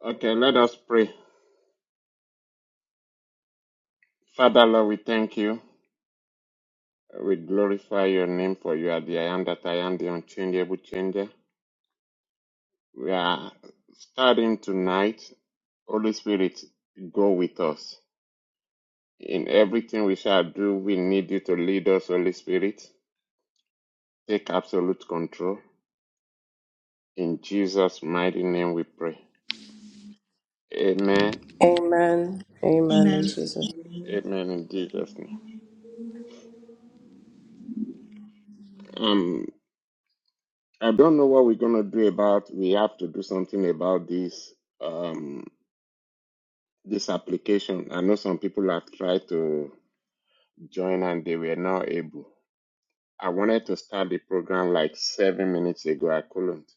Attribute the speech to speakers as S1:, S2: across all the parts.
S1: Okay, let us pray. Father, Lord, we thank you. We glorify your name for you are the I am that I am, the unchangeable changer. We are starting tonight. Holy Spirit, go with us. In everything we shall do, we need you to lead us, Holy Spirit. Take absolute control. In Jesus' mighty name we pray. Amen.
S2: Amen. Amen in
S3: Amen.
S2: Jesus.
S1: Amen in Jesus' name. Um, I don't know what we're gonna do about. We have to do something about this. Um. this application. I know some people have tried to join and they were not able. I wanted to start the program like seven minutes ago. I couldn't.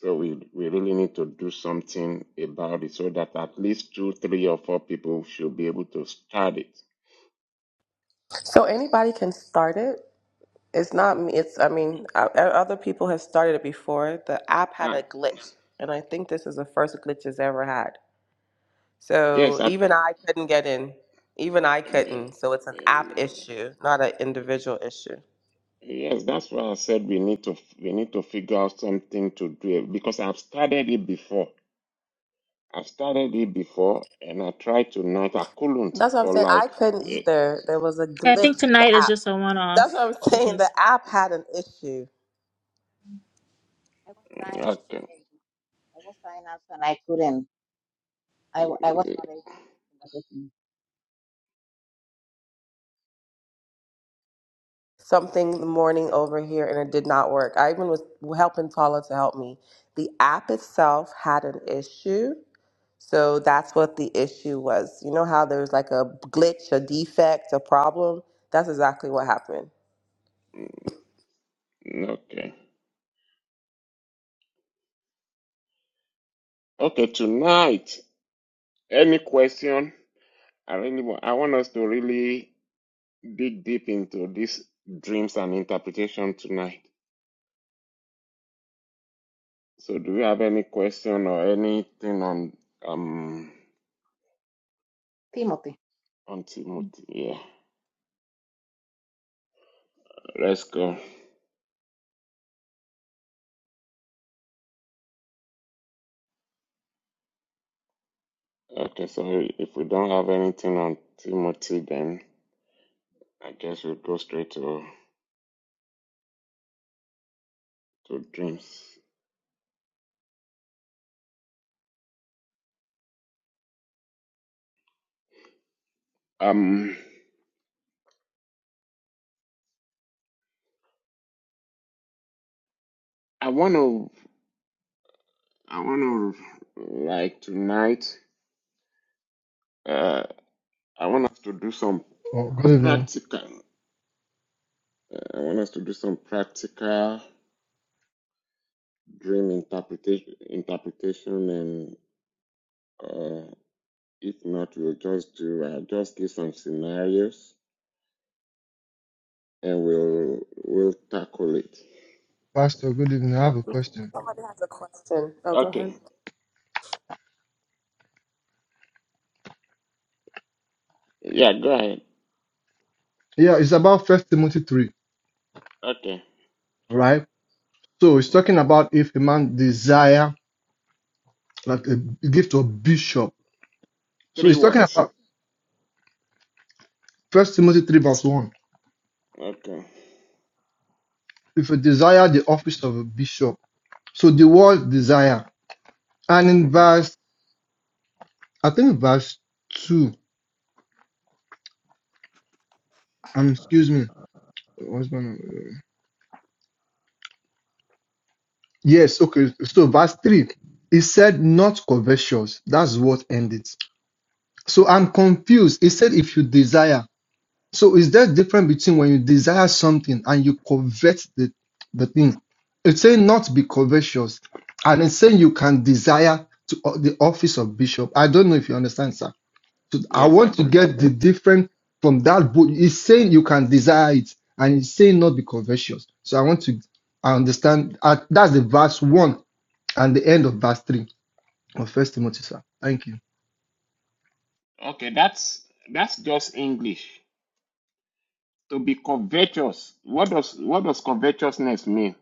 S1: So we, we really need to do something about it so that at least two, three or four people should be able to start it.
S2: So anybody can start it. It's not me. It's I mean, o- o- other people have started it before. The app had
S1: Now,
S2: a glitch, and I think this is the first glitch it's ever had.
S1: yes,
S2: So
S1: I,
S2: even I couldn't get in. Even I
S1: um,
S2: couldn't. So it's an app issue, not an individual issue.
S1: yes, that's why I said we need to we need to figure out something to do it, because I've started it before I started it before and I tried tonight. I couldn't
S2: That's what I'm
S1: for
S2: saying. I
S1: like
S2: couldn't
S1: eh,
S2: either. There was a
S3: I think
S2: glitch in the
S3: tonight is
S2: app.
S3: just a one off
S2: That's what I'm saying. The
S3: because
S2: app had an issue.
S4: I was trying,
S1: okay,
S4: eh, I was trying also, and I couldn't. I, w- I was
S1: eh,
S4: not able. to get it.
S2: something in the morning over here and it did not work. I even was helping Paula to help me. The app itself had an issue. So that's what the issue was. You know how there's like a glitch, a defect, a problem? That's exactly what happened.
S1: okay, okay. Tonight, any question? I really want. I want us to really dig deep into these dreams and interpretation tonight. So, do you have any question or anything on um
S4: Timothy,
S1: on
S4: Mm.
S1: Timothy? Yeah, let's go. Okay, so if we don't have anything on Timothy, then I guess we'll go straight to to dreams. Um, I want to, I want to, like tonight, uh, I want us to do some
S5: Oh, good evening,
S1: practical. Uh, I want us to do some practical dream interpretation, interpretation, and uh, if not, we'll just do, I'll just give some scenarios, and we'll we'll tackle it.
S5: Pastor. Good evening. I have a question.
S2: Somebody has a question. Oh, go ahead.
S1: Okay. Yeah. Go ahead.
S5: Yeah, it's about First Timothy three,
S1: Okay.
S5: right? So it's
S1: hmm
S5: talking about if a man desire like a gift of bishop. So
S1: Three
S5: it's talking
S1: words.
S5: about First Timothy three verse one.
S1: Okay.
S5: If you desire the office of a bishop, so the word desire, and in
S1: hmm
S5: verse I think verse two. Um, excuse me. What's my name? Yes. Okay. So verse three, it said not covetous. That's what ended. So I'm confused. It said if you desire. So is there difference between when you desire something and you covet the, the thing? It's saying not be covetous, and it's saying you can desire to uh, the office of bishop. I don't know if you understand, sir. So I
S1: Yes, I
S5: want to
S1: do.
S5: get the different from that book. It's saying you can desire it, and it's saying not be covetous. So I want to I understand. uh, that's the verse one and the end of verse three of First Timothy, sir. Thank you.
S1: Okay, that's that's just English. To be covetous, what does what does covetousness mean?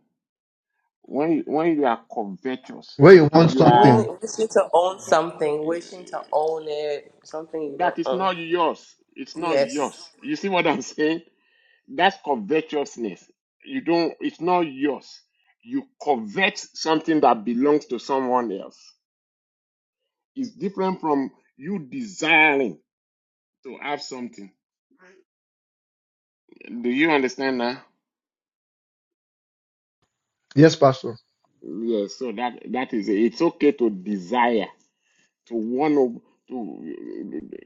S1: When you- when you are covetous,
S5: Where you want
S1: you
S2: When
S1: are
S5: something
S2: wishing to own something, wishing to own it, something you don't
S1: that is
S2: own.
S1: not yours. It's not
S2: Yes.
S1: yours. You see what I'm saying? That's covetousness. You don't. It's not yours. You covet something that belongs to someone else. It's different from you desiring to have something. Do you understand now?
S5: Yes, Pastor.
S1: Yes, so that that is it. It's okay to desire to want of to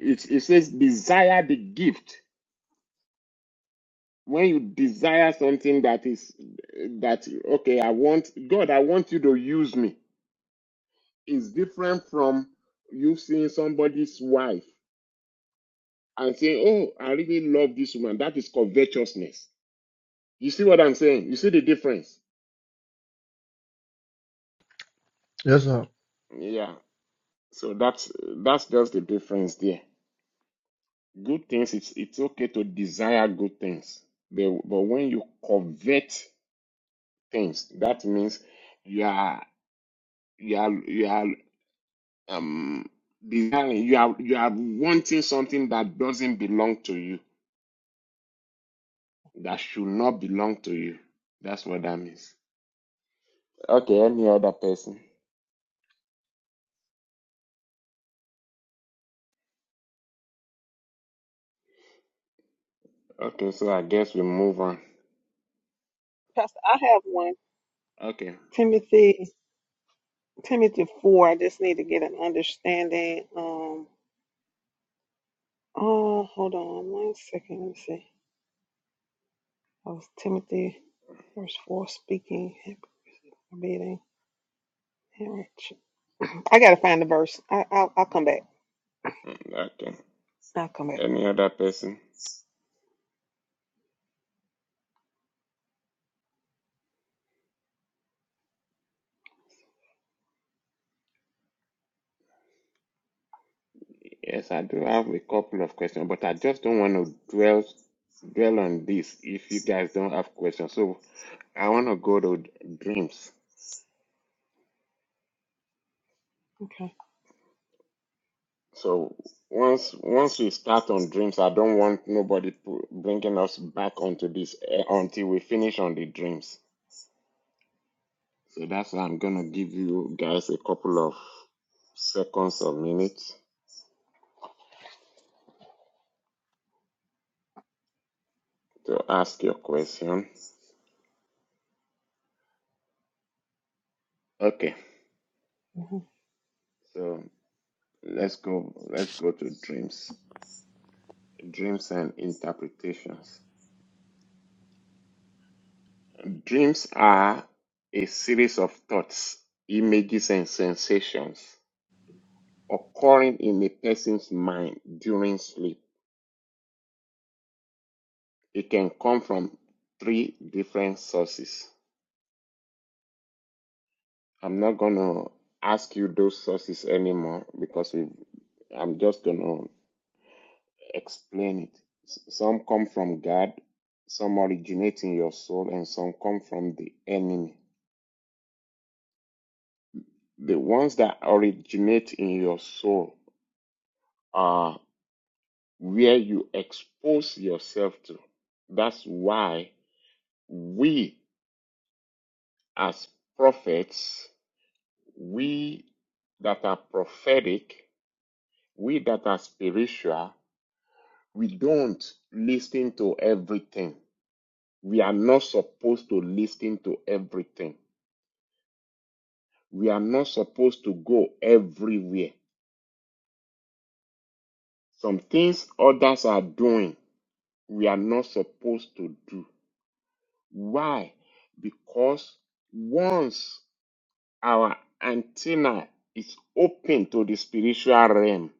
S1: it, it says desire the gift. When you desire something that is that okay, I want God, I want you to use me. It's different from you seeing somebody's wife and saying, Oh, I really love this woman. That is covetousness. You see what I'm saying? You see the difference?
S5: Yes, sir.
S1: Yeah. So that's that's just the difference there. Good things, it's it's okay to desire good things. But, but when you covet things, that means you are you are you are um desiring, you are you are wanting something that doesn't belong to you, that should not belong to you. That's what that means. Okay, any other person? Okay, so I guess we move on.
S6: Pastor, I have one.
S1: Okay.
S6: Timothy, Timothy 4. I just need to get an understanding. Um, oh, hold on one second. Let me see. Oh, it's Timothy, verse 4, speaking, reading. marriage. I got to find the verse. I, I'll, I'll come back.
S1: mm, Okay.
S6: I'll come back.
S1: Any other person? Yes, I do have a couple of questions, but I just don't want to dwell dwell on this if you guys don't have questions. So I want to go to d- dreams.
S6: Okay.
S1: So once once we start on dreams, I don't want nobody pu- bringing us back onto this eh, until we finish on the dreams. So that's why I'm gonna give you guys a couple of seconds or minutes to ask your question. Okay,
S6: hmm
S1: so let's go let's go to dreams. Dreams and interpretations. Dreams are a series of thoughts, images, and sensations occurring in a person's mind during sleep. It can come from three different sources. I'm not going to ask you those sources anymore because we, I'm just going to explain it. S- Some come from God, some originate in your soul, and some come from the enemy. The ones that originate in your soul uh, where you expose yourself to. That's why we, as prophets, we that are prophetic, we that are spiritual, we don't listen to everything. We are not supposed to listen to everything. We are not supposed to go everywhere. Some things others are doing, we are not supposed to do. Why? Because once our antenna is open to the spiritual realm.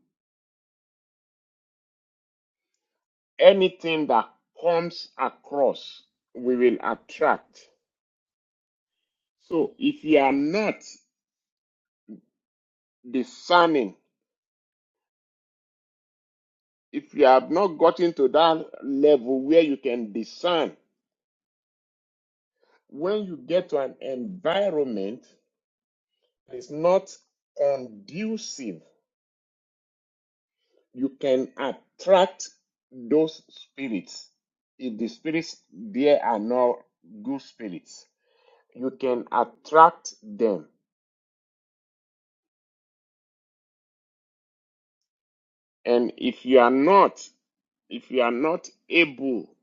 S1: Anything that comes across, we will attract. So if you are not discerning, if you have not gotten to that level where you can discern, when you get to an environment that is not conducive, you can attract those spirits. If the spirits there are not good spirits, you can attract them. And if you are not, if you are not able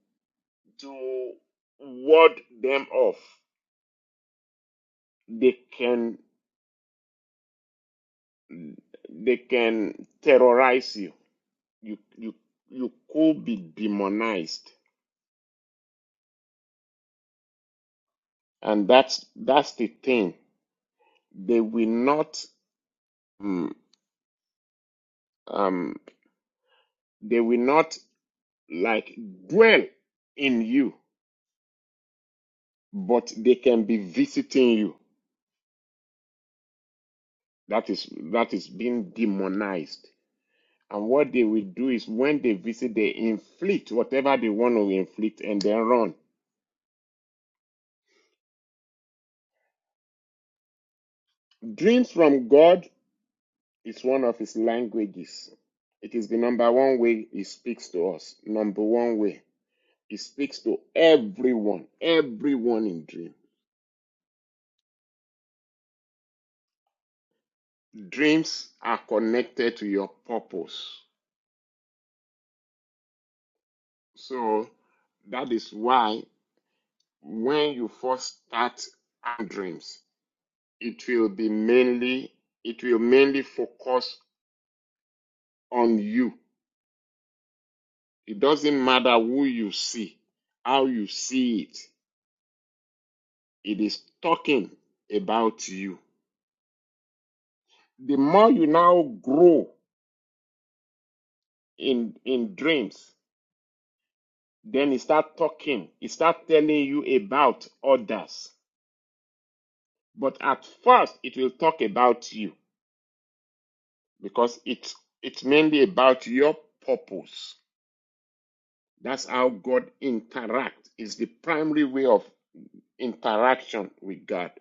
S1: to ward them off, they can they can terrorize you. You you you could be demonized, and that's that's the thing. They will not mm, um they will not like dwell in you, but they can be visiting you. That is that is being demonized. And what they will do is when they visit, they inflict whatever they want to inflict and then run. Dreams from God is one of his languages. It is the number one way he speaks to us. Number one way. He speaks to everyone, everyone in dream. Dreams are connected to your purpose. So that is why when you first start having dreams, it will be mainly, it will mainly focus on you It doesn't matter who you see, how you see it, it is talking about you. The more you now grow in, in dreams, then it start talking, it start telling you about others. But at first, it will talk about you because it's, it's mainly about your purpose. That's how God interacts. It's the primary way of interaction with God.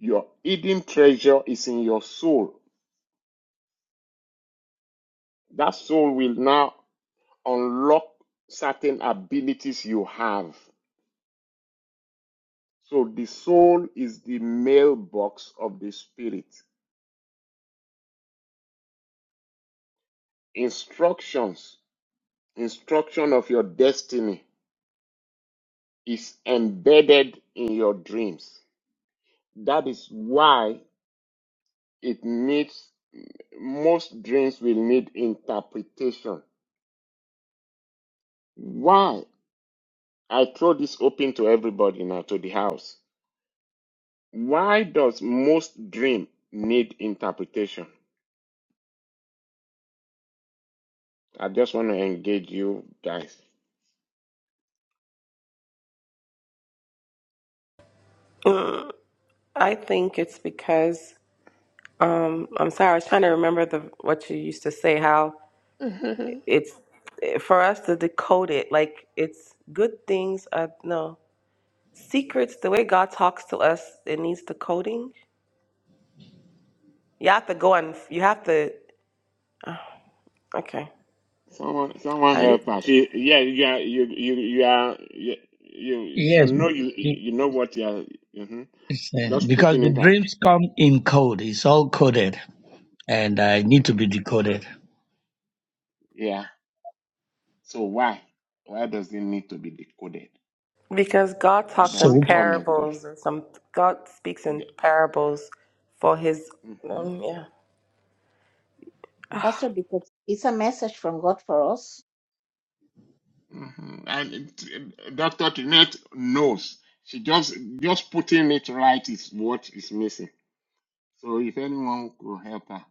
S1: Your hidden treasure is in your soul That soul will now unlock certain abilities you have. So the soul is the mailbox of the spirit. Instructions, instruction of your destiny is embedded in your dreams. That is why it needs most dreams will need interpretation. Why? I throw this open to everybody now to the house. Why does most dream need interpretation? I just want to engage you guys.
S2: Mm, I think it's because um, I'm sorry. I was trying to remember the what you used to say. How it's eh, for us to decode it like it's good things are no secrets the way god talks to us it needs decoding you have to go and you have to okay
S1: Someone, someone
S2: i leave
S1: help us. You, yeah, you are, you, you, you are, you, you, I
S7: Yes,
S1: know you,
S7: be-
S1: you know what you are, mhm.
S7: it's, uh,
S1: just
S7: because
S1: putting
S7: the
S1: it out.
S7: dreams come in code. It's all coded and uh, need to be decoded.
S1: Yeah. So why? Why does it need to be decoded?
S2: because god
S1: Why
S2: talks
S1: does
S2: in
S1: it
S7: So
S1: come in code?
S2: parables and some god speaks in
S1: Yeah.
S2: parables for his
S1: Mm-hmm.
S2: um yeah
S4: Pastor, because it's a message from God for us.
S1: Mm-hmm. And it- Dr. Tinette knows. She just, just putting it right is what is missing. So if anyone could help her.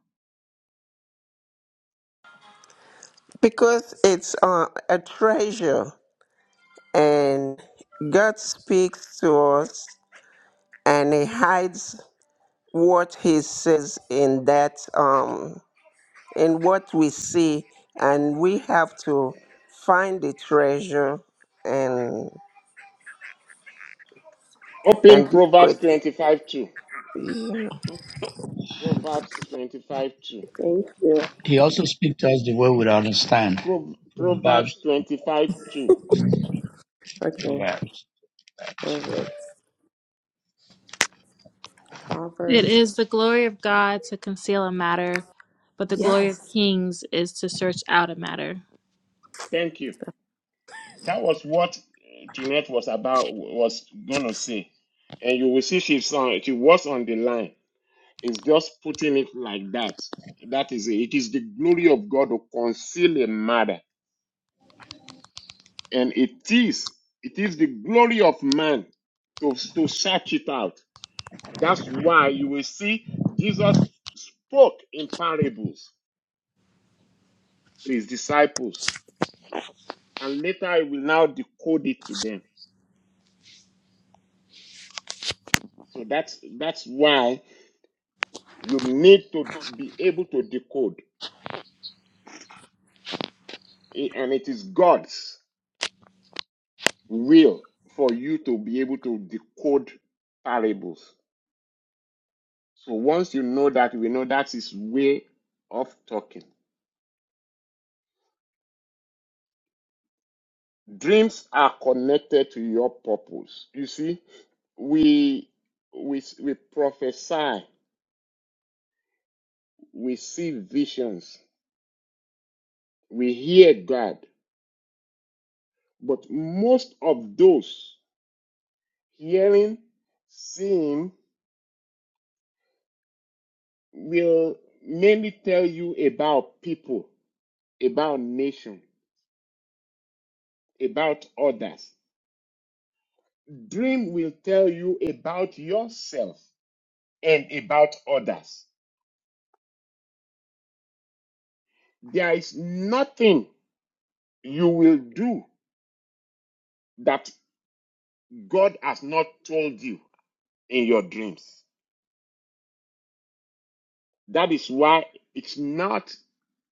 S8: Because it's uh, a treasure and God speaks to us and he hides what he says in that um in what we see and we have to find the treasure and
S1: Open
S8: and
S1: Proverbs
S8: decode
S1: twenty-five two.
S8: it.
S1: Proverbs 25 2.
S2: thank you
S7: he also speaks to us the way we understand.
S1: Pro-
S4: hmm
S7: Proverbs,
S1: Proverbs 25 2.
S2: okay
S7: Proverbs.
S2: proverbs
S3: it
S2: proverbs
S3: is the glory of God to conceal a matter, but the glory of
S2: yes
S3: kings is to search out a matter.
S1: Thank you. That was what uh, Jeanette was about, was going to say. And you will see she's on, she was on the line. It's just putting it like that. That is it. It is the glory of God to conceal a matter. And it is, it is the glory of man to, to search it out. That's why you will see Jesus spoke in parables to his disciples and later I will now decode it to them. So that's that's why you need to be able to decode, Eh, and it is God's will for you to be able to decode parables. So once you know that, we know that is way of talking. Dreams are connected to your purpose. You see, we we we prophesy, we see visions, we hear God, but most of those Hearing, seeing will mainly tell you about people, about nation, about others. Dream will tell you about yourself and about others. There is nothing you will do that God has not told you in your dreams. That is why it's not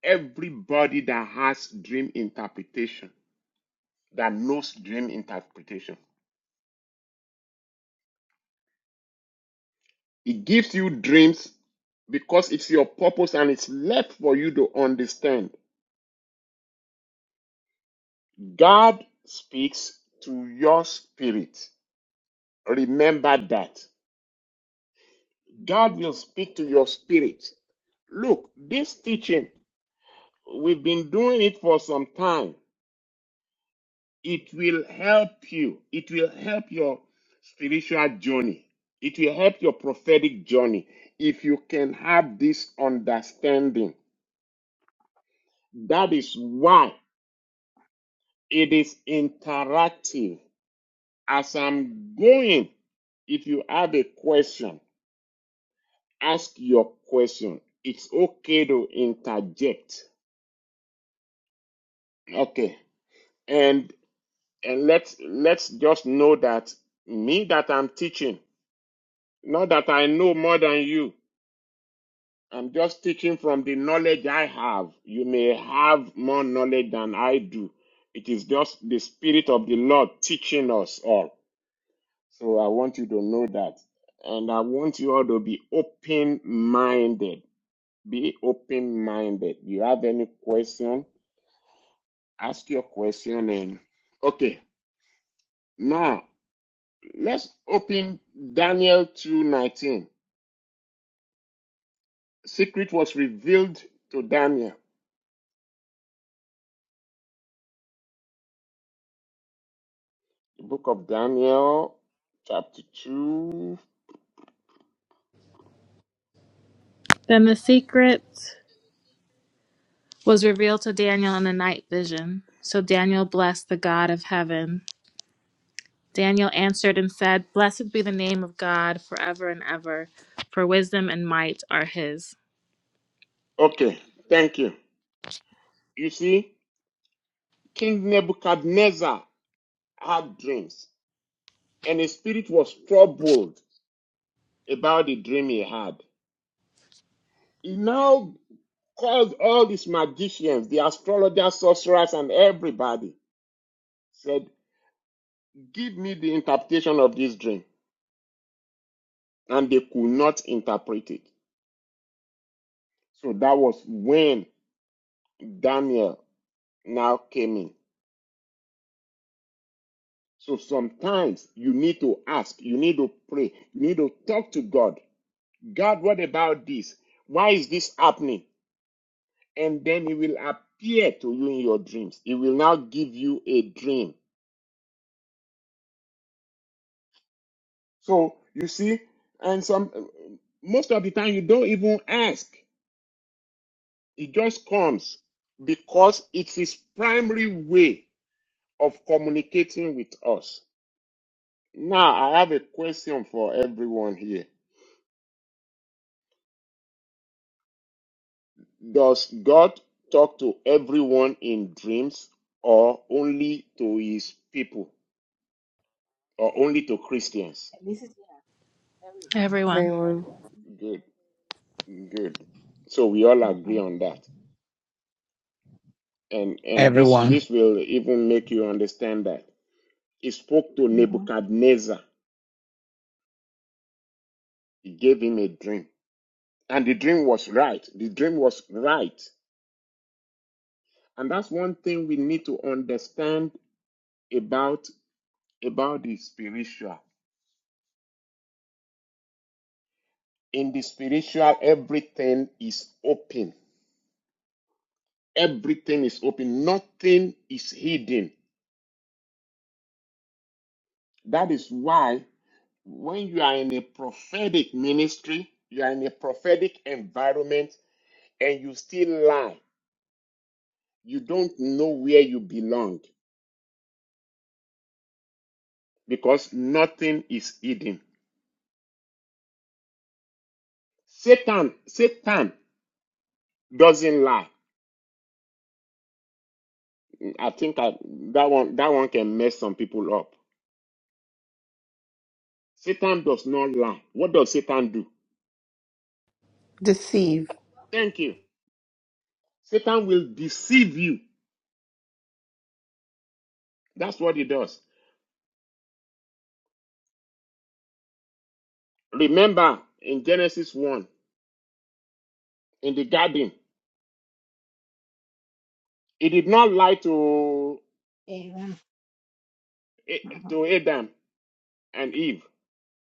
S1: everybody that has dream interpretation that knows dream interpretation. It gives you dreams because it's your purpose and it's left for you to understand. God speaks to your spirit. Remember that. God will speak to your spirit. Look, this teaching, we've been doing it for some time. It will help you. It will help your spiritual journey. It will help your prophetic journey if you can have this understanding. That is why. It is interactive. As I'm going, if you have a question, ask your question. It's okay to interject. Okay. And and let's let's just know that me that I'm teaching, not that I know more than you. I'm just teaching from the knowledge I have. You may have more knowledge than I do. It is just the Spirit of the Lord teaching us all. So I want you to know that. And I want you all to be open minded. Be open minded. You have any question, ask your question and okay. Now let's open Daniel 2:19. Secret was revealed to Daniel. The book of Daniel, chapter 2.
S3: Then the secret was revealed to Daniel in the night vision. So Daniel blessed the God of heaven. Daniel answered and said, Blessed be the name of God forever and ever, for wisdom and might are his.
S1: Okay, thank you. You see, King Nebuchadnezzar had dreams, and his spirit was troubled about the dream he had. He now called all these magicians, the astrologers, sorcerers, and everybody, said, Give me the interpretation of this dream. And they could not interpret it. So that was when Daniel now came in. So sometimes you need to ask, you need to pray, you need to talk to God. God, what about this? Why is this happening? And then He will appear to you in your dreams. He will now give you a dream So you see, and some most of the time you don't even ask. It just comes because it's his primary way of communicating with us. Now I have a question for everyone here. Does God talk to everyone in dreams or only to his people or only to Christians?
S4: This is yeah, everyone.
S3: Everyone.
S2: everyone
S1: Good, good. So we all
S4: hmm
S1: agree on that. And and this
S7: Everyone.
S1: this will even make you understand that. He spoke to
S4: hmm
S1: Nebuchadnezzar. He gave him a dream. And the dream was right. The dream was right. And that's one thing we need to understand about, about the spiritual. In the spiritual, everything is open. Everything is open. Nothing is hidden. That is why when you are in a prophetic ministry, you are in a prophetic environment, and you still lie, you don't know where you belong. because nothing is hidden. Satan, Satan doesn't lie. I think I, that one that one can mess some people up. Satan does not lie. What does Satan do?
S2: deceive
S1: Thank you. Satan will deceive you. That's what he does. Remember in Genesis 1 in the garden, he did not lie to
S4: Amen.
S1: eh,
S4: hmm
S1: to Adam and Eve.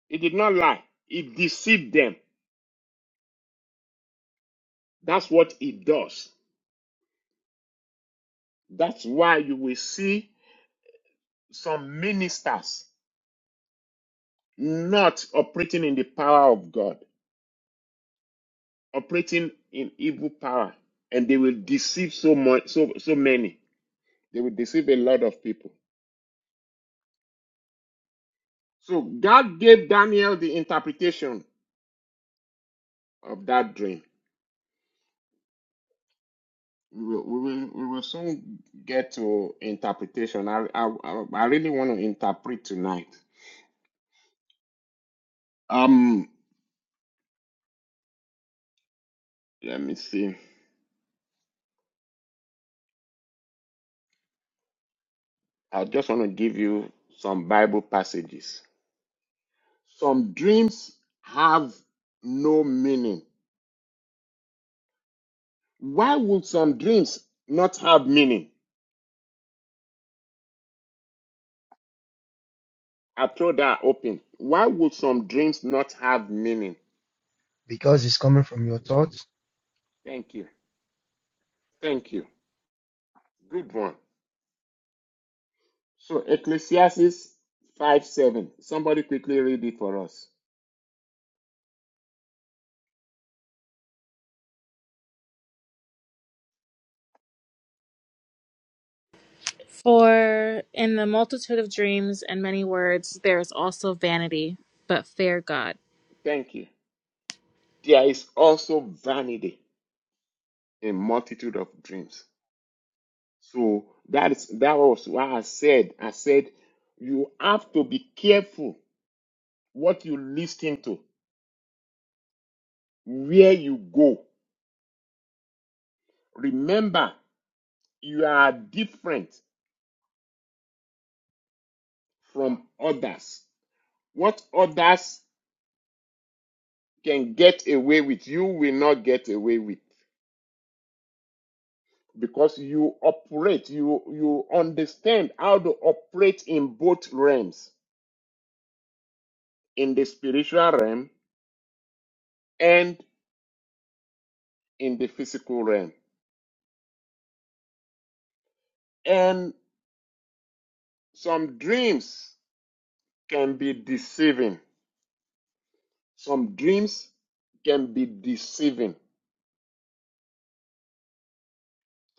S1: He did not lie. He deceived them. That's what he does. That's why you will see some ministers not operating in the power of God, operating in evil power, and they will deceive so much, so so many. They will deceive a lot of people. So God gave Daniel the interpretation of that dream. We will, we will, we will soon get to interpretation. I, I, I I really want to interpret tonight. Um, let me see. I just want to give you some Bible passages. Some dreams have no meaning Why would some dreams not have meaning? I throw that open. Why would some dreams not have meaning?
S5: because it's coming from your thoughts.
S1: Thank you. Thank you. Good one. So Ecclesiastes 5 7. Somebody quickly read it for us.
S3: For in the multitude of dreams and many words there is also vanity, but fear God.
S1: Thank you. There is also vanity in multitude of dreams. So that is that was why I said I said you have to be careful what you listen to, where you go. Remember you are different from others. What others can get away with, you will not get away with because you operate, you, you understand how to operate in both realms, in the spiritual realm and in the physical realm. And some dreams can be deceiving. Some dreams can be deceiving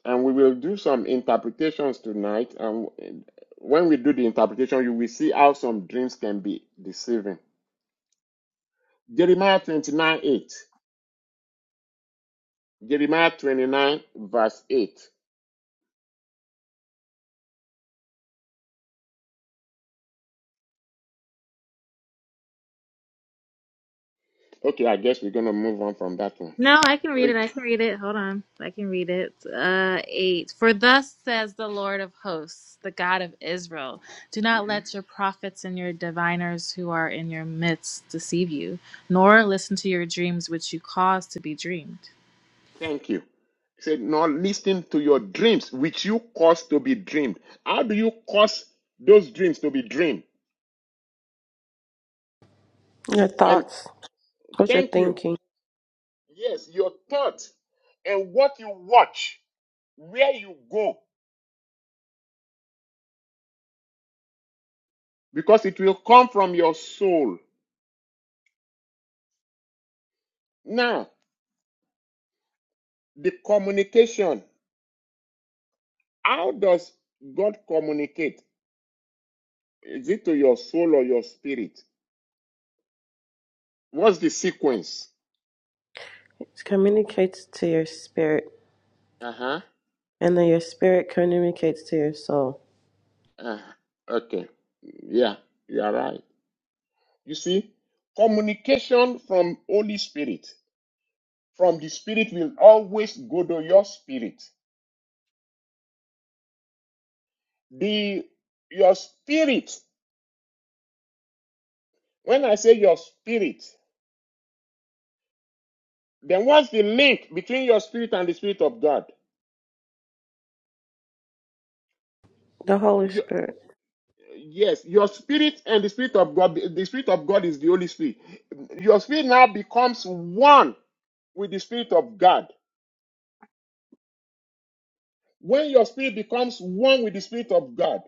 S1: and we will do some interpretations tonight. And when we do the interpretation, you will see how some dreams can be deceiving. Jeremiah 29 8. Jeremiah 29, verse 8. Okay, I guess we're going to move on from that one.
S3: No, I can read
S1: Read.
S3: it. I can read it. Hold on. I can read it. Uh, eight. For thus says the Lord of hosts, the God of Israel Do not
S1: Mhm.
S3: let your prophets and your diviners who are in your midst deceive you, nor listen to your dreams which you cause to be dreamed.
S1: Thank you. He said, Now listen to your dreams, which you cause to be dreamed. How do you cause those dreams to be dreamed?
S2: your
S1: And
S2: thoughts what you're
S1: thank you.
S2: thinking
S1: Yes, your thought and what you watch, where you go. because it will come from your soul. Now, the communication how does God communicate? Is it to your soul or your spirit? What's the sequence?
S2: It communicates to your spirit,
S1: Uh huh.
S2: and then your spirit communicates to your soul.
S1: Uh, okay. Yeah, you are right. You see, communication from Holy Spirit, from the Spirit will always go to your spirit. The your spirit. When I say your spirit, then what's the link between your spirit and the spirit of God?
S2: The Holy
S1: You,
S2: Spirit.
S1: Yes, your spirit and the spirit of God, the spirit of God is the Holy Spirit. Your spirit now becomes one with the spirit of God. When your spirit becomes one with the spirit of God,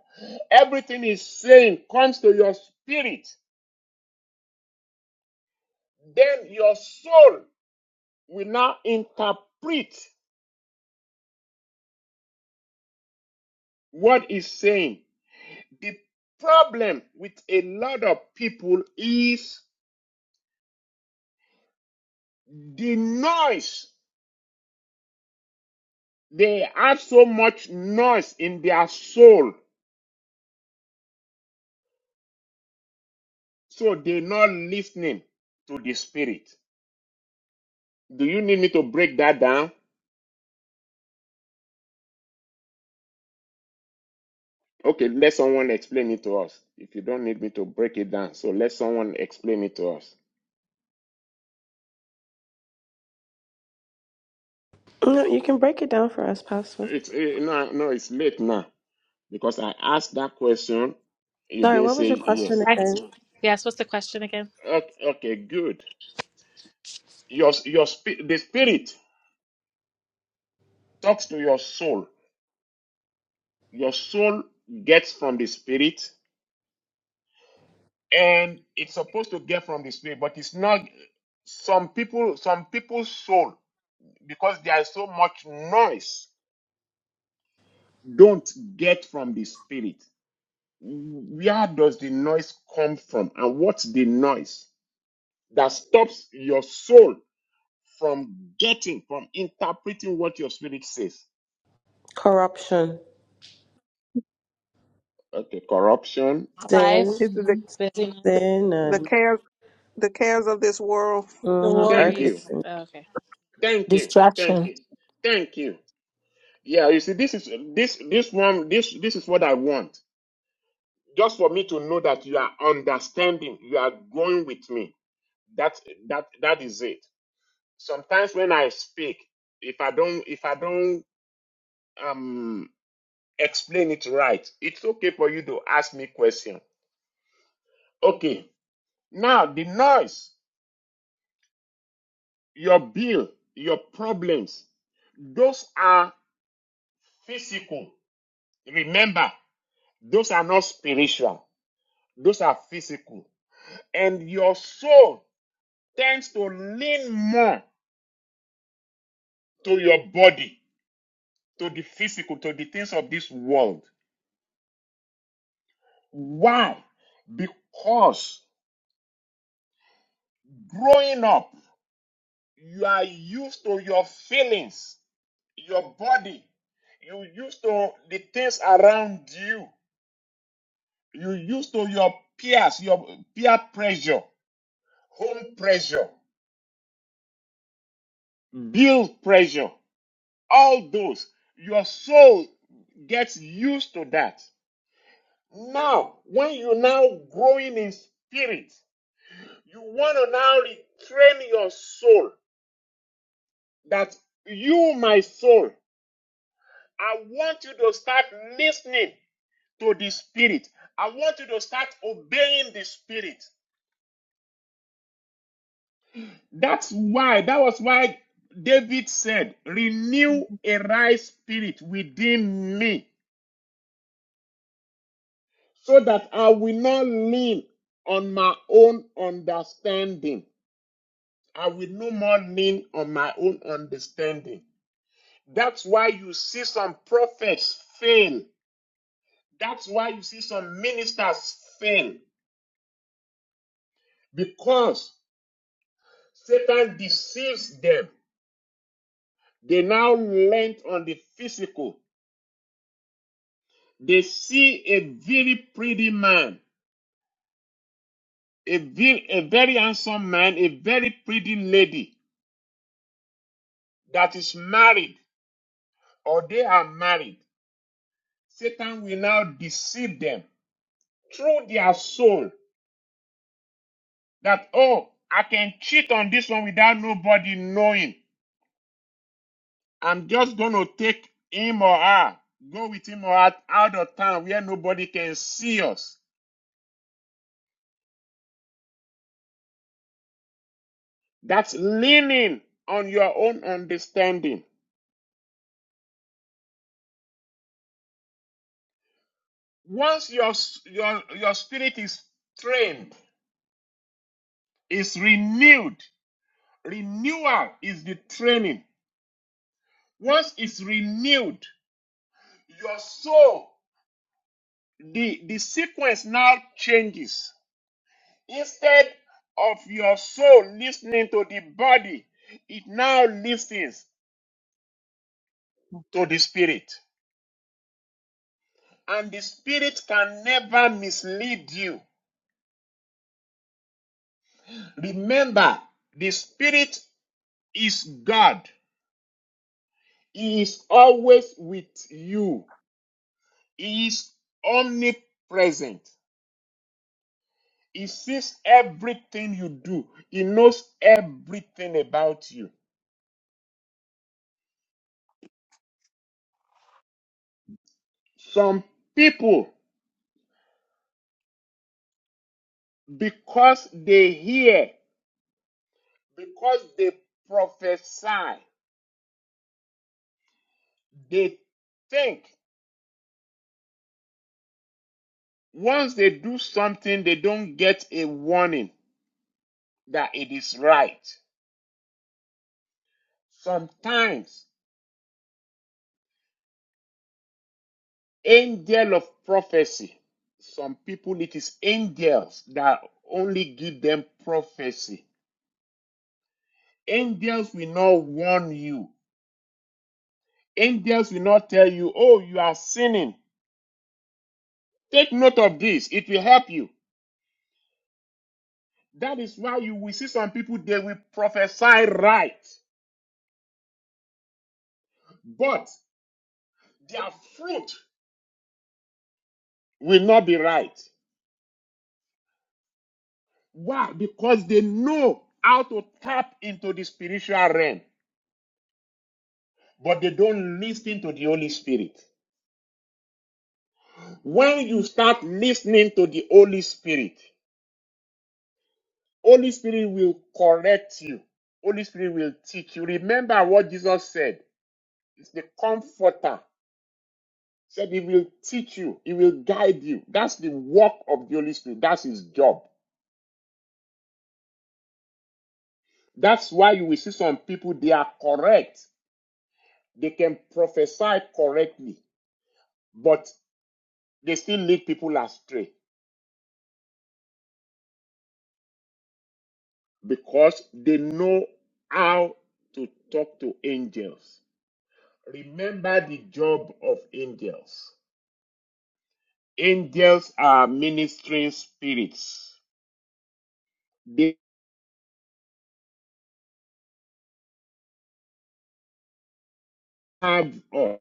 S1: everything is saying comes to your spirit. Then your soul will now interpret what is saying. The problem with a lot of people is the noise. They have so much noise in their soul So they're not listening to the spirit. Do you need me to break that down? Okay, let someone explain it to us. If you don't need me to break it down, so let someone explain it to us.
S2: No, you can break it down for us, Pastor.
S1: It's eh, no, no, it's late now because I asked that question. You
S2: Sorry,
S1: didn't
S2: what was
S1: say
S2: your question
S1: yes.
S3: Yes.
S2: again?
S3: Yes. What's the question again?
S1: Okay, okay good. Your your spi- the spirit talks to your soul. Your soul gets from the spirit, and it's supposed to get from the spirit, but it's not. Some people, some people's soul because there is so much noise don't get from the spirit where does the noise come from and what's the noise that stops your soul from getting from interpreting what your spirit says
S2: Corruption,
S1: okay corruption
S2: sin,
S3: Life,
S6: It's the,
S4: hmm
S3: busyness,
S6: the
S2: sin,
S6: the
S2: and
S6: cares the cares of this world.
S3: the
S2: mhm,
S1: thank you
S2: earthly.
S3: worries. Oh, okay.
S1: thank you
S9: Distraction.
S1: thank you thank you yeah you see this is this this one this this is what i want just for me to know that you are understanding you are going with me that that that is it sometimes when I speak, if I don't if I don't um explain it right, it's okay for you to ask me question. Okay. Now the noise, your bill, your problems, those are physical. Remember, those are not spiritual. Those are physical. And your soul tends to lean more to your body, to the physical, to the things of this world. Why? Because Growing up, you are used to your feelings, your body. You used to the things around you. You used to your peers, your peer pressure, home pressure, bill pressure, all those. Your soul gets used to that. Now, when you are now growing in spirit, you want to now retrain your soul that you, my soul, I want you to start listening to the Spirit. I want you to start obeying the Spirit. That's why, that was why David said,
S4: hmm
S1: Renew
S4: hmm
S1: a right spirit within me, so that I will not lean on my own understanding. I will no more lean on my own understanding. That's why you see some prophets fail. That's why you see some ministers fail because Satan deceives them. They now land on the physical. They see a very pretty man, a very, a very handsome man, a very pretty lady that is married or they are married. Satan will now deceive them through their soul that, oh, I can cheat on this one without nobody knowing. I'm just going to take him or her, go with him or her out of town where nobody can see us That's leaning on your own understanding. Once your, your, your spirit is trained, is renewed, renewal is the training. Once it's renewed, your soul, the, the sequence now changes. Instead of your soul listening to the body, it now listens to the spirit. And the spirit can never mislead you. Remember, the spirit is God. He is always with you. He is omnipresent. He sees everything you do. He knows everything about you. Some people, because they hear, because they prophesy, they think once they do something, they don't get a warning that it is right. Sometimes angel of prophecy. Some people, it is angels that only give them prophecy. Angels will not warn you. Angels will not tell you, oh, you are sinning. Take note of this, it will help you. That is why you will see some people, they will prophesy right, but their fruit will not be right. Why? Because they know how to tap into the spiritual realm, but they don't listen to the Holy Spirit. When you start listening to the Holy Spirit, Holy Spirit will correct you. Holy Spirit will teach you. Remember what Jesus said. It's the comforter. He said he will teach you. He will guide you. That's the work of the Holy Spirit. That's his job. That's why you will see some people, they are correct. They can prophesy correctly, but they still lead people astray because they know how to talk to angels. Remember the job of angels. Angels are ministering spirits. They have uh,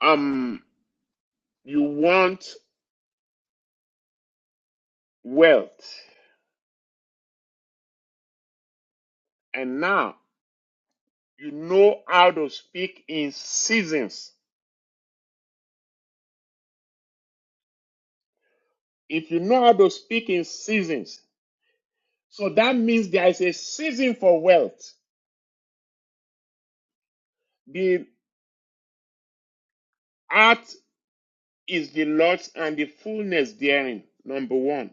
S1: um you want wealth and now you know how to speak in seasons. If you know how to speak in seasons, so that means there is a season for wealth. The earth is the Lord's and the fullness therein, number one.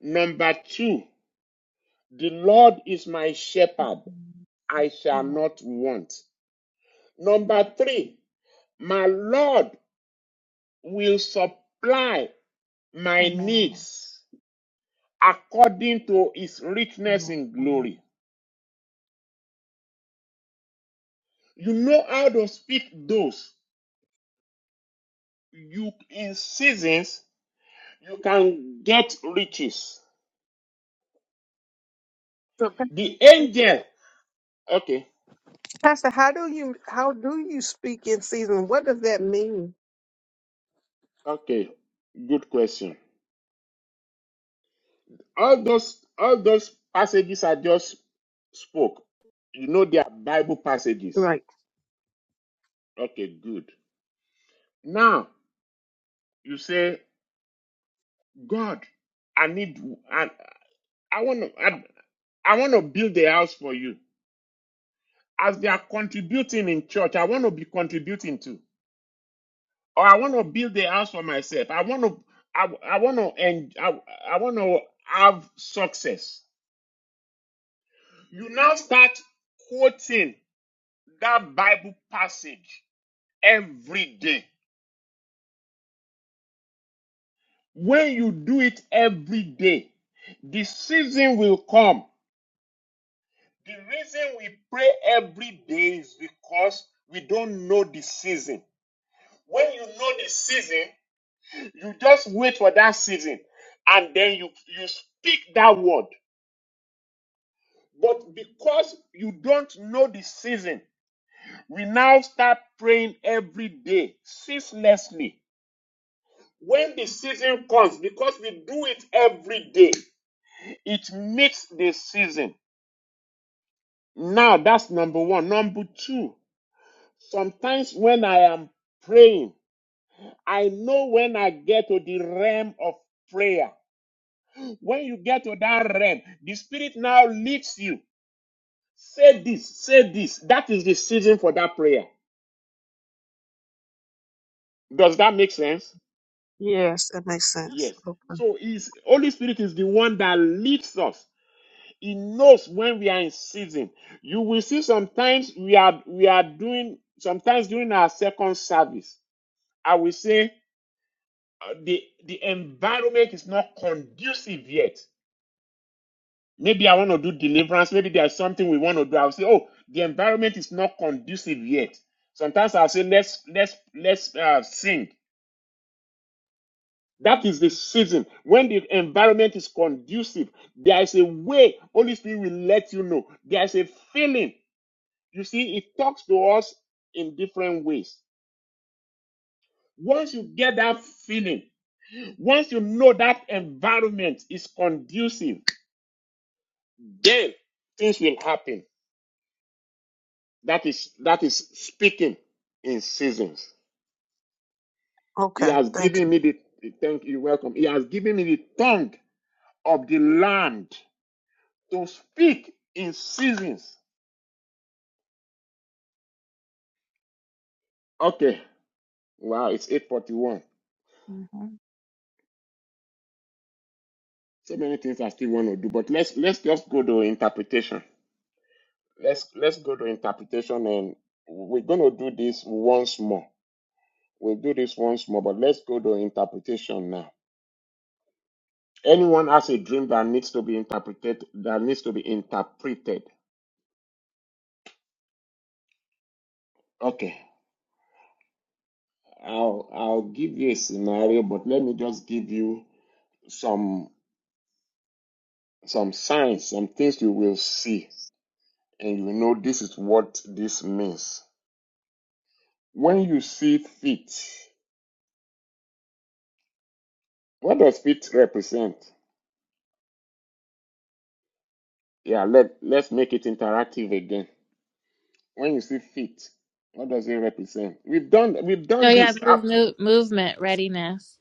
S1: Number two, the Lord is my shepherd. I shall not want. Number three, my Lord will supply my
S4: Amen. Amen.
S1: needs according to his richness
S4: Amen.
S1: in
S4: Amen. Amen.
S1: glory. You know how to speak those. You in seasons you can get riches.
S6: So,
S1: The angel. Okay,
S6: Pastor, how do you how do you speak in season? What does that mean?
S1: okay, good question. All those all those passages I just spoke, you know they are Bible passages.
S6: Right.
S1: Okay, good. Now You say, God, I need, I, I want to, I, I want to build a house for you. As they are contributing in church, I want to be contributing too. Or I want to build a house for myself. I want to, I, I want to, and I, I want to have success. You now start quoting that Bible passage every day. When you do it every day, the season will come The reason we pray every day is because we don't know the season. When you know the season, you just wait for that season and then you, you speak that word. But because you don't know the season, we now start praying every day ceaselessly. When the season comes, because we do it every day, it meets the season. Now that's number one. Number two, sometimes when I am praying, I know when I get to the realm of prayer. When you get to that realm, the Spirit now leads you. Say this, say this. That is the season for that prayer. Does that make sense?
S6: Yes, that makes sense.
S1: Yes.
S6: Okay.
S1: So is Holy Spirit is the one that leads us. He knows when we are in season. You will see sometimes we are we are doing sometimes during our second service. I will say uh, the the environment is not conducive yet Maybe I want to do deliverance. Maybe there's something we want to do. I'll say, oh, the environment is not conducive yet. Sometimes I'll say, let's let's let's uh, sing. That is the season when the environment is conducive. There is a way Holy Spirit will let you know. There is a feeling. You see, it talks to us in different ways. Once you get that feeling, once you know that environment is conducive, then things will happen. That is that is speaking in seasons. He
S6: Okay.
S1: has
S6: Thank you.
S1: given me the, the thank you welcome. He has given me the tongue of the land to speak in seasons. Okay. Wow, it's 841.
S4: Mhm,
S1: So many things I still want to do, but let's let's just go to interpretation. Let's let's go to interpretation and we're gonna do this once more. We'll do this once more, but let's go to interpretation now. Anyone has a dream that needs to be interpreted that needs to be interpreted. Okay, I'll I'll give you a scenario, but let me just give you some some signs, some things you will see, and you know this is what this means. When you see feet, what does feet represent? Yeah, let let's make it interactive again. When you see feet, what does it represent? We've done we've
S3: Oh,
S1: done
S3: yeah.
S1: this
S3: Move,
S1: up
S3: move, movement, readiness.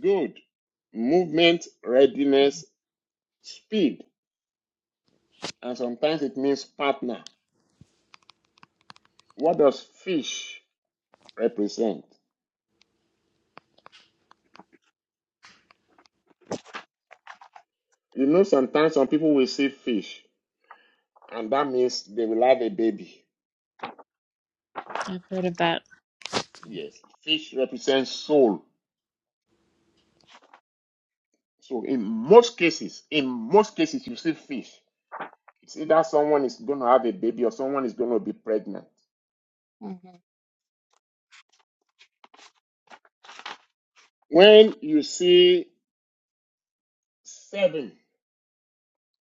S1: good movement, readiness, speed, and sometimes it means partner. What does fish represent? You know, sometimes some people will see fish, and that means they will have a baby.
S3: I've heard of that.
S1: Yes, fish represents soul. So in most cases, in most cases, you see fish. It's either someone is going to have a baby or someone is going to be pregnant.
S4: mhm.
S1: When you see seven,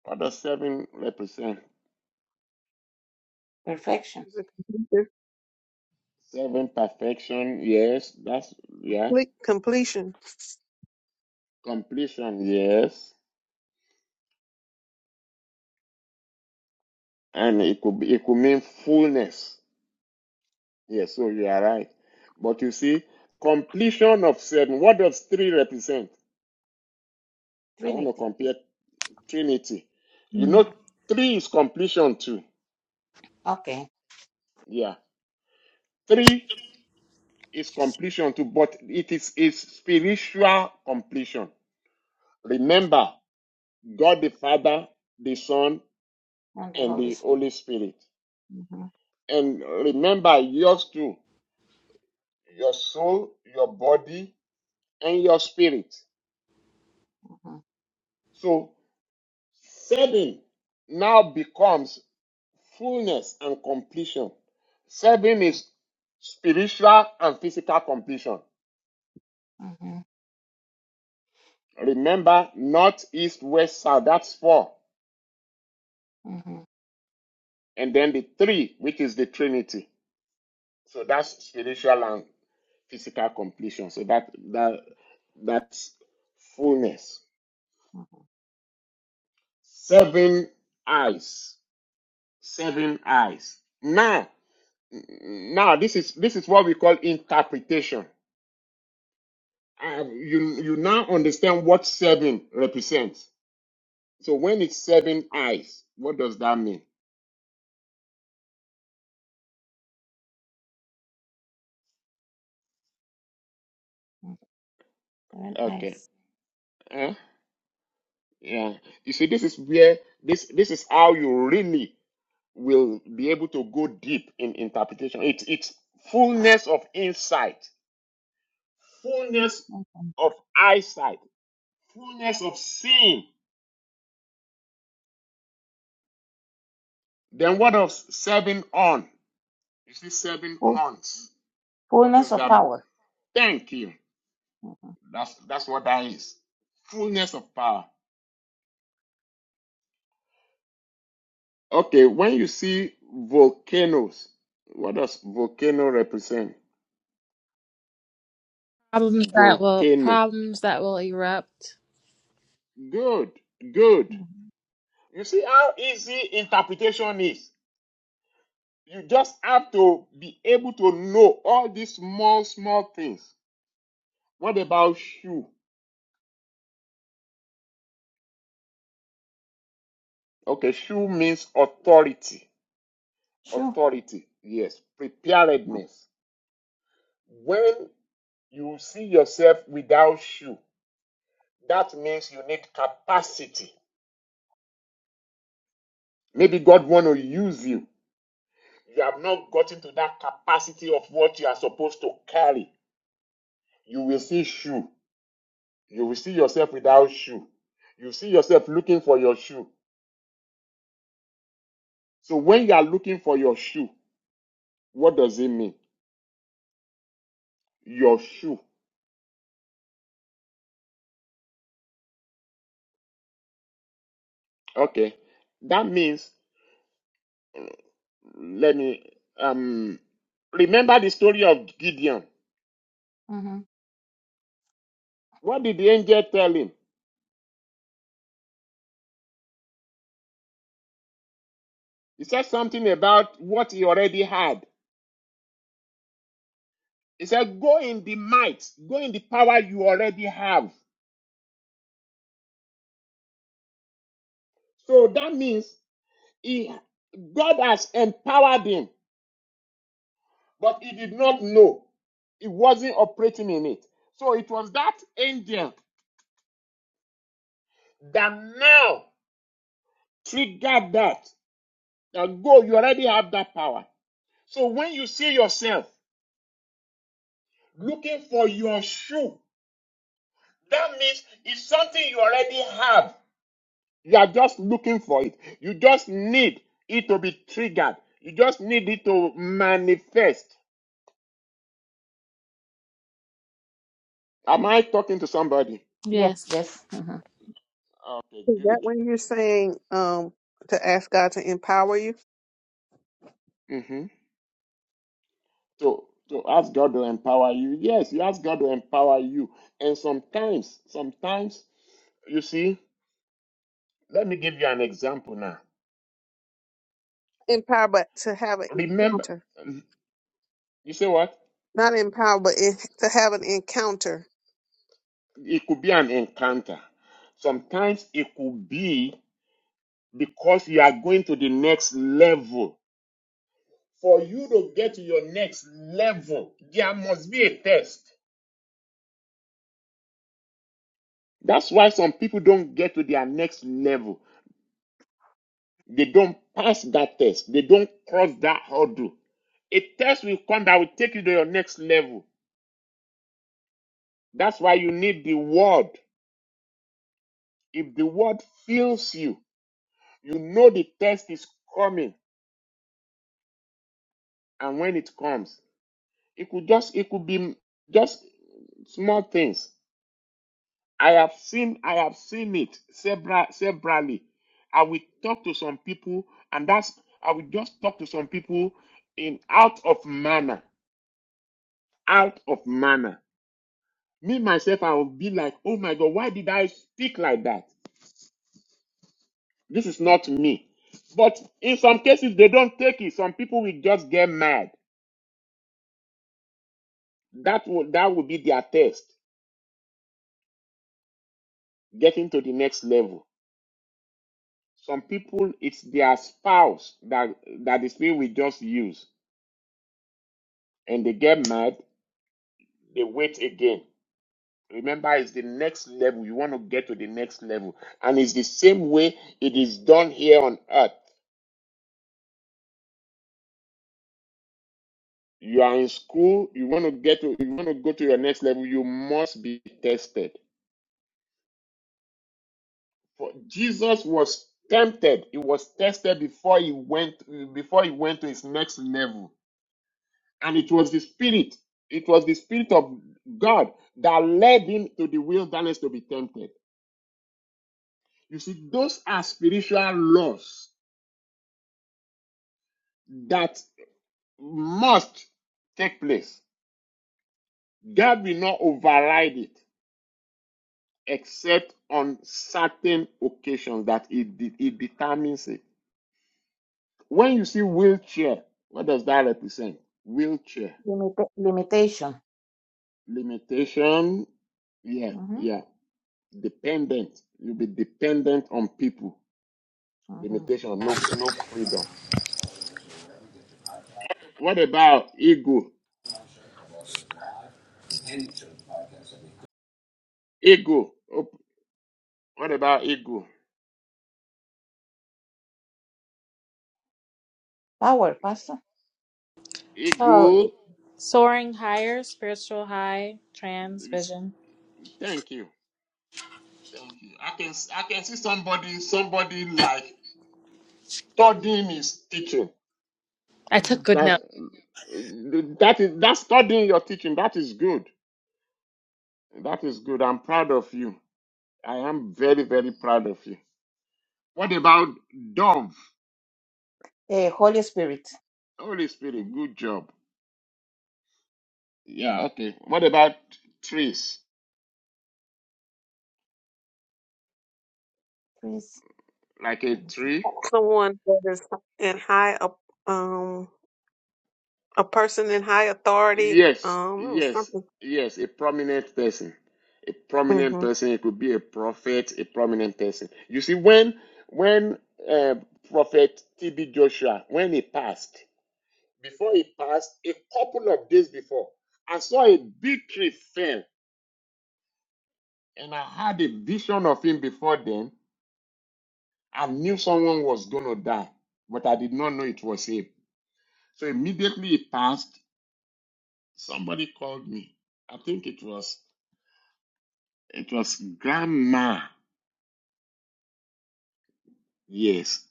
S1: what does seven represent?
S4: Perfection.
S6: It's a complete,
S1: Seven perfection, yes. That's yeah.
S6: complete completion.
S1: Completion, yes. And it could be, it could mean fullness. Yes, so you are right. But you see, completion of seven. What does three represent? I want to
S4: Trinity.
S1: compare Trinity. You
S3: Hmm.
S1: know, three is completion too.
S4: Okay.
S1: Yeah, three is completion too, but it is is spiritual completion. Remember, God the Father, the Son,
S4: And the
S1: and
S4: Holy
S1: the
S4: Spirit.
S1: Holy Spirit.
S4: Mm-hmm.
S1: And remember yours too, your soul, your body, and your spirit.
S4: Mm-hmm.
S1: So seven now becomes fullness and completion. Serving
S4: Mm-hmm.
S1: is spiritual and physical completion. Remember, north, east, west, south, that's four.
S4: Mm-hmm.
S1: And then the three, which is the Trinity. So that's spiritual and physical completion. So that that that's fullness.
S4: Mm-hmm.
S1: Seven eyes. Seven eyes. Now, now this is this is what we call interpretation. Uh, you you now understand what seven represents. So when it's seven eyes, what does that mean?
S4: Seven
S1: Okay.
S4: eyes.
S1: Huh? Yeah. You see, this is where this this is how you really will be able to go deep in interpretation. It's it's fullness of insight, fullness of eyesight, fullness of seeing. Then what of seven on? You see, seven
S4: Full,
S1: horns. What
S4: fullness
S1: does
S4: of
S1: that mean?
S4: power.
S1: Thank you.
S4: Mhm.
S1: That's that's what that is. Fullness of power. Okay, when you see volcanoes, what does volcano represent?
S3: Problems that will
S1: Volcano.
S3: problems that will erupt.
S1: Good, good.
S4: Mhm.
S1: You see how easy interpretation is. You just have to be able to know all these small, small things. What about shoe? Okay, shoe means authority.
S4: Sure.
S1: Authority, yes. Preparedness. When you see yourself without shoe, that means you need capacity Maybe God want to use you. You have not gotten to that capacity of what you are supposed to carry. You will see shoe. You will see yourself without shoe. You see yourself looking for your shoe. So when you are looking for your shoe, what does it mean? Your shoe. Okay. That means let me um remember the story of Gideon.
S4: Mm-hmm.
S1: What did the angel tell him? He said something about what he already had. He said, Go in the might, go in the power you already have. So that means he, God has empowered him, but he did not know. He wasn't operating in it. So it was that angel that now triggered that. Now go, you already have that power. So when you see yourself looking for your shoe, that means it's something you already have. You are just looking for it. You just need it to be triggered. You just need it to manifest. Am I talking to somebody?
S4: Yes,
S3: Yes.
S4: yes. hmm
S1: Okay,
S6: Is that
S1: good.
S6: when you're saying um to ask God to empower you?
S1: Mm-hmm. To to ask God to empower you. Yes, you ask God to empower you. And sometimes, sometimes, you see, let me give you an example now.
S6: Empower, but to have an
S1: Remember,
S6: encounter,
S1: you say what?
S6: not empower, but in, to have an encounter.
S1: It could be an encounter. Sometimes it could be because you are going to the next level For you to get to your next level, there must be a test. That's why some people don't get to their next level. They don't pass that test. They don't cross that hurdle. A test will come that will take you to your next level. That's why you need the word. If the word fills you, you know the test is coming. And when it comes, it could just it could be just small things. I have seen I have seen it several severally. I will talk to some people, and that's I will just talk to some people in out of manner, out of manner. Me myself, I will be like, oh my god, why did I speak like that? This is not me. But in some cases, they don't take it. Some people will just get mad. That will that will be their test, getting to the next level. Some people, it's their spouse that that the spirit will just use and they get mad they wait again. Remember, it's the next level. You want to get to the next level. And it's the same way it is done here on earth. You are in school, you want to get to you want to go to your next level, you must be tested. For Jesus was tempted, he was tested before he went before he went to his next level. And it was the spirit, it was the spirit of God that led him to the wilderness to be tempted. You see, those are spiritual laws that. must take place. God will not override it except on certain occasions that it, de- it determines it. When you see wheelchair, what does that represent? Wheelchair.
S4: Limita- limitation.
S1: Limitation. Yeah,
S4: hmm
S1: yeah. Dependent. You'll be dependent on people.
S4: hmm
S1: Limitation, no no freedom. What about ego? Ego. Oh, What about ego?
S4: Power, Pastor.
S3: Oh,
S1: Ego
S3: it- soaring higher, spiritual high, trans vision.
S1: thank you. Thank you. I can I can see somebody somebody like studying is teaching.
S3: I
S4: hmm
S3: took good
S1: That's
S3: notes
S1: that is that's studying your teaching. That is good. That is good. I'm proud of you. I am very very proud of you. What about dove?
S4: Uh, Holy Spirit.
S1: Holy Spirit,
S4: Mm-hmm.
S1: good job. Yeah.
S4: Mm-hmm.
S1: Okay. What about trees?
S4: Please.
S1: Like a
S4: let me see.
S1: tree?
S6: Someone that is in high, up- um, a person in high authority.
S1: Yes,
S6: Um, it was
S1: yes,
S6: something.
S1: yes, a prominent person. A prominent
S6: Mm-hmm.
S1: person. It could be a prophet, a prominent person. You see, when when uh, Prophet TB Joshua, when he passed, before he passed, a couple of days before, I saw a big tree fell, and I had a vision of him before then. I knew someone was gonna die, but I did not know it was him. So immediately he passed, somebody called me. I think it was. It was Grandma. Yes,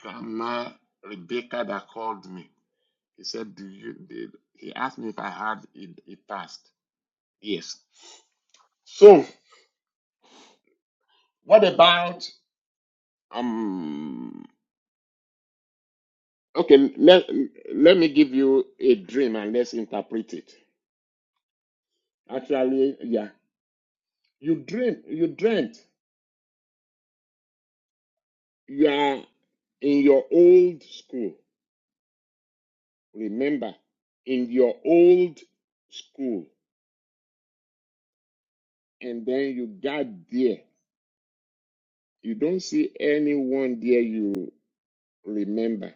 S1: Grandma Rebecca that called me. He said, "Do you?" Did, he asked me if I had it, it passed. Yes. So, what about um? Okay, let let me give you a dream and let's interpret it. Actually, yeah, you dream, you dreamt, you are in your old school. Remember, in your old school, and then you got there You don't see anyone there you remember,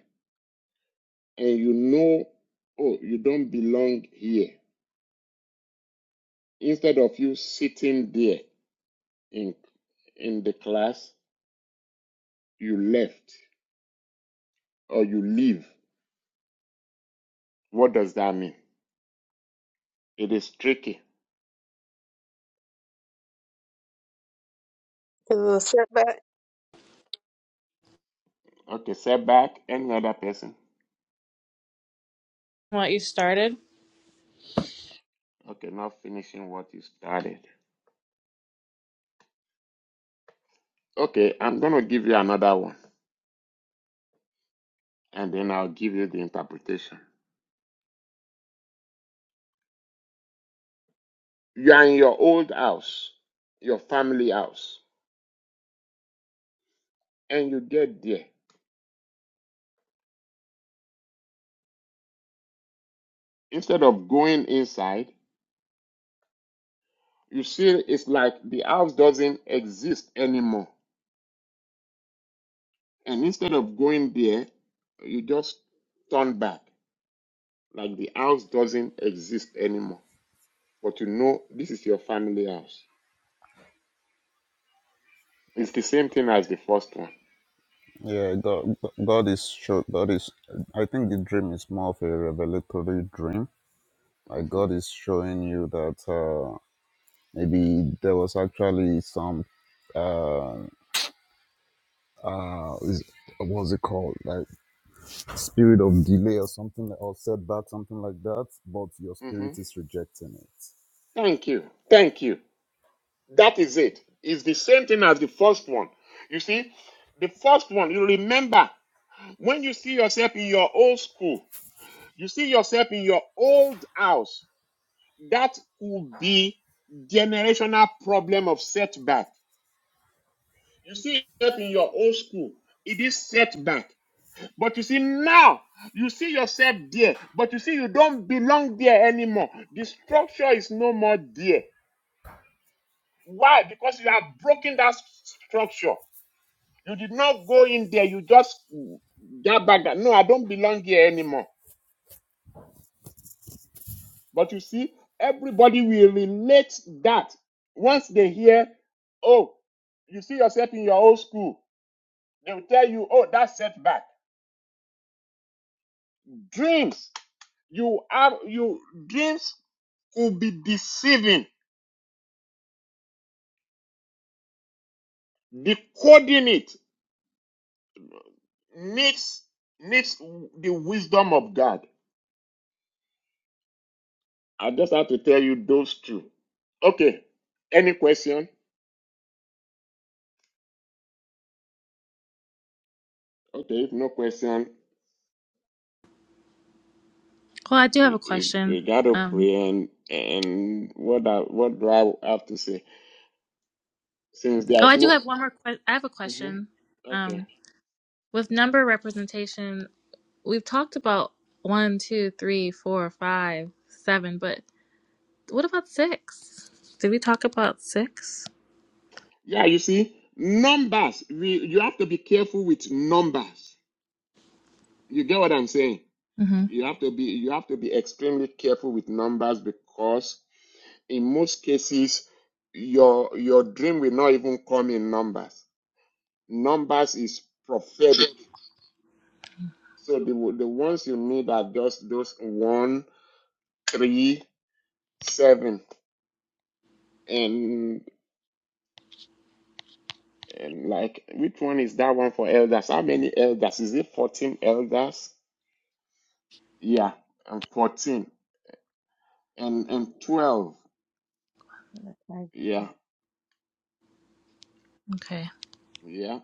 S1: and you know, oh, you don't belong here. Instead of you sitting there in in the class, you left or you leave. What does that mean? It is tricky.
S6: Is it a setback?
S1: Okay, setback. Any other person?
S3: from what you started.
S1: Okay, not finishing what you started. Okay, I'm gonna give you another one, and then I'll give you the interpretation. You are in your old house, your family house, and you get there. Instead of going inside, you see it's like the house doesn't exist anymore. And instead of going there, you just turn back, like the house doesn't exist anymore. But you know this is your family house. It's the same thing as the first one.
S10: Yeah, God, God is show. God is. I think the dream is more of a revelatory dream. Like
S1: hmm
S10: God is showing you that uh, maybe there was actually some. Uh, uh, is, what's it called? Like spirit of delay or something, or setback, something like that. But your
S1: hmm
S10: spirit is rejecting it.
S1: Thank you. Thank you. That is it. It's the same thing as the first one. You see, the first one, you remember when you see yourself in your old school, you see yourself in your old house. that could be generational problem of setback. You see that in your old school, it is setback. But you see now, you see yourself there, but you see you don't belong there anymore. The structure is no more there. Why? Because you have broken that structure. You did not go in there. You just mm, that back. No, I don't belong here anymore. But you see, everybody will relate that once they hear, oh, you see yourself in your old school, they will tell you, oh, that's setback. Dreams, you are you dreams could be deceiving. Decoding it makes makes the wisdom of God. I just have to tell you those two. Okay. Any question? Okay, if no question.
S3: Well, I do have
S1: You,
S3: a
S1: you,
S3: question.
S1: you gotta
S3: Um,
S1: pray and and what I, what do I have to say? Since
S3: oh,
S1: there's
S3: I do
S1: no
S3: have one more. Que- I have a
S1: hmm
S3: question.
S1: okay,
S3: Um, with number representation, we've talked about one, two, three, four, five, seven, but what about six? Did we talk about six?
S1: yeah, you see numbers. We you have to be careful with numbers. You get what I'm saying?
S3: Mm-hmm.
S1: You have to be you have to be extremely careful with numbers because in most cases your your dream will not even come in numbers. Numbers is prophetic. So the the ones you need are just those one, three, seven. And, and like, which one is that one for elders? How many elders? Is it 14 elders? Yeah, and 14 and and 12.
S4: Right.
S1: Yeah,
S3: Okay.
S1: yeah.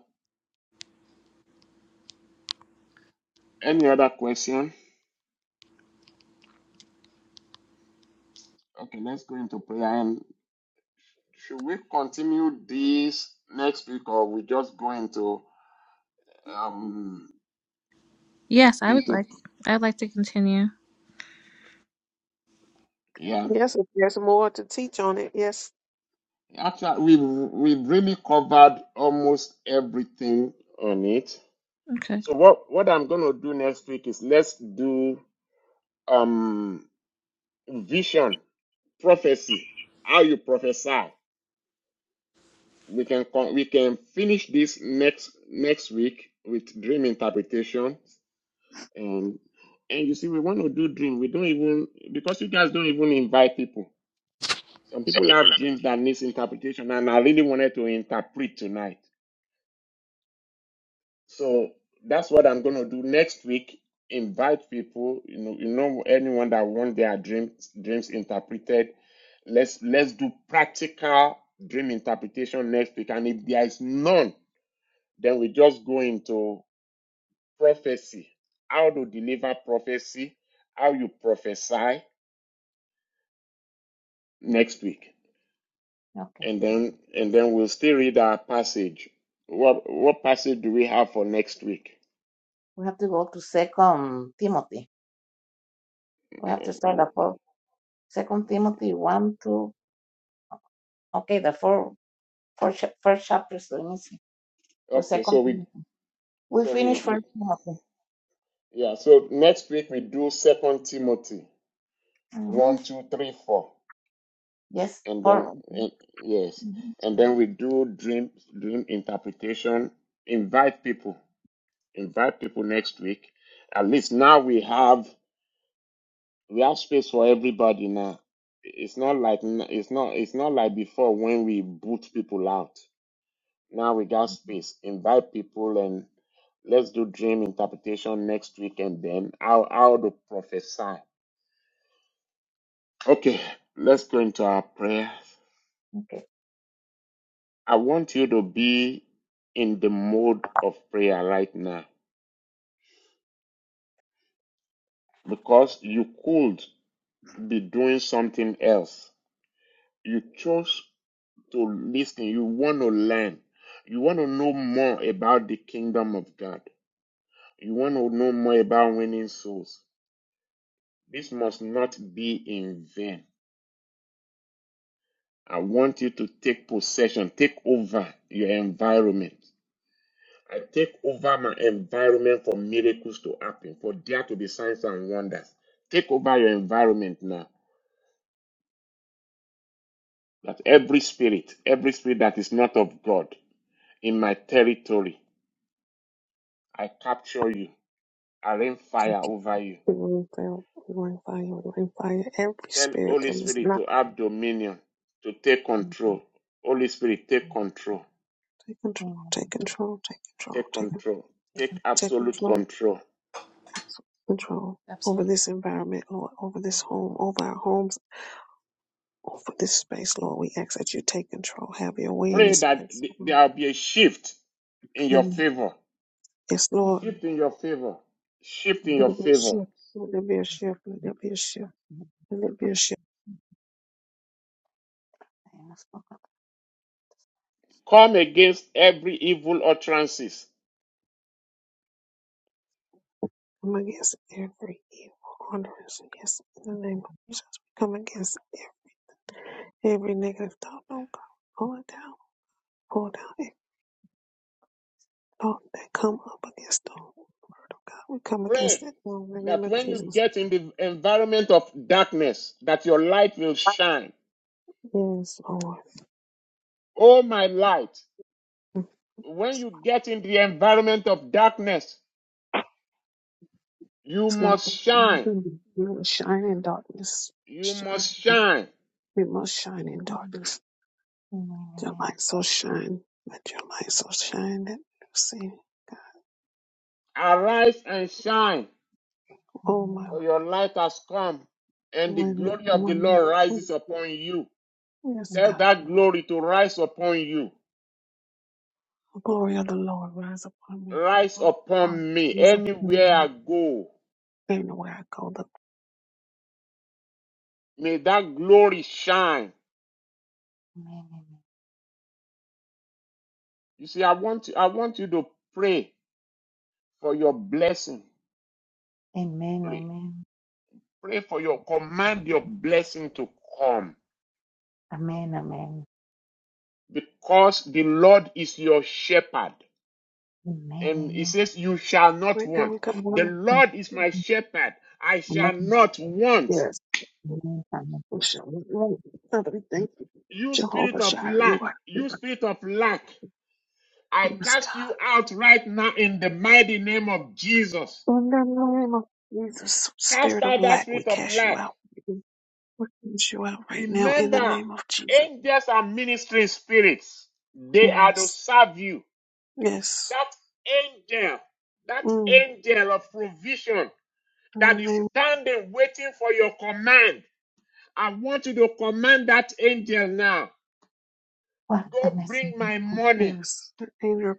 S1: Any other question? Okay, let's go into prayer. And should we continue this next week, or we just go into um
S3: Yes, I would
S1: into
S3: like. I'd like to continue.
S1: yeah?
S6: Yes, if there's more to teach on it, yes.
S1: Actually, we've we've really covered almost everything on it.
S3: Okay.
S1: So what what I'm gonna do next week is let's do. um vision prophecy how you prophesy we can con- we can finish this next next week with dream interpretation and and you see we want to do dream we don't even because you guys don't even invite people some people have dreams that needs interpretation and i really wanted to interpret tonight So that's what I'm going to do next week. Invite people, you know, you know, anyone that wants their dreams dreams interpreted. Let's let's do practical dream interpretation next week. And if there is none, then we just go into prophecy. How to deliver prophecy, how you prophesy next week.
S4: Okay.
S1: And then and then we'll still read our passage. What what passage do we have for next week?
S4: We have to go to Second Timothy. We have to start the four Second Timothy one, two. Okay, the four, four cha- first chapters. Let me see. For
S1: Okay, so
S4: Second
S1: we
S4: Timothy, we
S1: so we,
S4: finished
S1: we
S4: First Timothy.
S1: Yeah, so next week we do Second Timothy
S4: hmm
S1: one, two, three, four,
S4: Yes.
S1: and then
S4: 4
S1: and, yes,
S4: Mm-hmm.
S1: and then we do dream dream interpretation. Invite people, invite people next week. At least now we have we have space for everybody now. It's not like it's not it's not like before when we boot people out. Now we got space. Invite people and let's do dream interpretation next week, and then how how to prophesy. Okay, let's go into our prayer.
S4: Okay.
S1: I want you to be in the mode of prayer right now because you could be doing something else. You chose to listen, you want to learn, you want to know more about the kingdom of God, you want to know more about winning souls. This must not be in vain. I want you to take possession, take over your environment. I take over my environment for miracles to happen, for there to be signs and wonders. Take over your environment now. That every spirit, every spirit that is not of God in my territory, I capture you. I rain
S6: Can
S1: fire
S6: be-
S1: over you.
S6: We will fail, we will fire, we will fire every
S1: Tell
S6: spirit
S1: Holy
S6: that was
S1: Spirit
S6: not
S1: to have dominion, to take
S4: Amen.
S1: control. Holy Spirit, take control.
S6: take control,
S4: Amen.
S6: take control, take control,
S1: Take
S6: take
S1: control. Take
S6: take
S1: absolute
S6: control,
S1: control.
S6: absolute control over
S3: Absolutely.
S6: this environment, Lord, over this home, over our homes, over this space, Lord. We ask that you take control, have your way in
S1: Pray
S6: this
S1: that
S6: place,
S1: th-
S6: oh Lord.
S1: there will be a shift in your
S6: Mm.
S1: favor.
S6: Yes, Lord.
S1: shift in your favor. Shift in
S6: Let
S4: Amen.
S1: your
S6: there be a
S1: favor.
S6: shift. Let there be a shift. Let there be a shift.
S4: Amen. Amen.
S6: Let there be a
S4: Father,
S6: shift.
S4: I ask for God.
S1: Come against every evil utterances.
S6: come against every evil utterance. Yes, in the name of Jesus, we come against every, every negative thought. Don't go, pull it down. Pull down every thought that come up against the word of God. We come against
S1: Pray
S6: it in the name
S1: that
S6: of
S1: when you
S6: Jesus.
S1: get in the environment of darkness, that your light will shine.
S6: Yes, Lord.
S1: Oh, my light, when you
S6: It's
S1: get in the environment of darkness, you
S6: like
S1: must shine.
S6: you must shine in darkness.
S1: You
S6: Shine.
S1: must shine.
S6: We must shine in
S4: Amen.
S6: darkness. Your light so shine. Let your light so shine that you see.
S1: Arise and shine,
S6: Oh my.
S4: Amen.
S1: for your light has come, and the
S6: my,
S1: glory of the
S6: my.
S1: Lord rises upon you.
S6: Yes,
S1: Tell
S6: God.
S4: Amen.
S1: that glory to rise upon you.
S6: The glory of the Lord rise upon me.
S1: rise
S6: Upon upon
S1: upon me
S6: me, upon
S1: anywhere
S6: me.
S1: I go.
S6: Anywhere I go, the
S1: May that glory shine.
S4: Amen.
S1: You see, I want you, I want you to pray for your blessing.
S4: Amen.
S1: Pray,
S4: Amen.
S1: pray for your command your blessing to come
S4: Amen. Amen. Amen. Amen.
S1: because the Lord is your shepherd.
S4: Amen.
S1: And he says, You shall not
S6: right now
S1: want.
S6: we come
S1: The
S6: on.
S1: Lord is my
S4: Amen.
S1: shepherd. I shall
S4: Amen.
S1: not want.
S6: Yes,
S4: Amen. Amen.
S6: we shall not want. Father, we thank you.
S1: You spirit
S6: Jehovah
S1: of
S6: Jireh, you
S1: lack,
S6: are the
S1: you spirit of lack, I
S6: goodness
S1: cast
S6: God.
S1: you out right now in the mighty name of Jesus.
S6: In the name of Jesus,
S1: Cast
S6: spirit of
S1: out that
S6: lack, we
S1: spirit of
S6: cast you
S1: lack.
S6: out. We cast you out right now in the
S1: Remember,
S6: name of Jesus.
S1: angels are ministering spirits. They are to
S6: Yes,
S1: serve you.
S6: yes.
S1: That angel, that
S6: Mm.
S1: angel of provision
S6: In the
S1: that is
S6: name,
S1: standing waiting for your command. I want you to command that angel now.
S4: a
S1: Go
S4: message.
S1: bring my money.
S6: yes. The angel of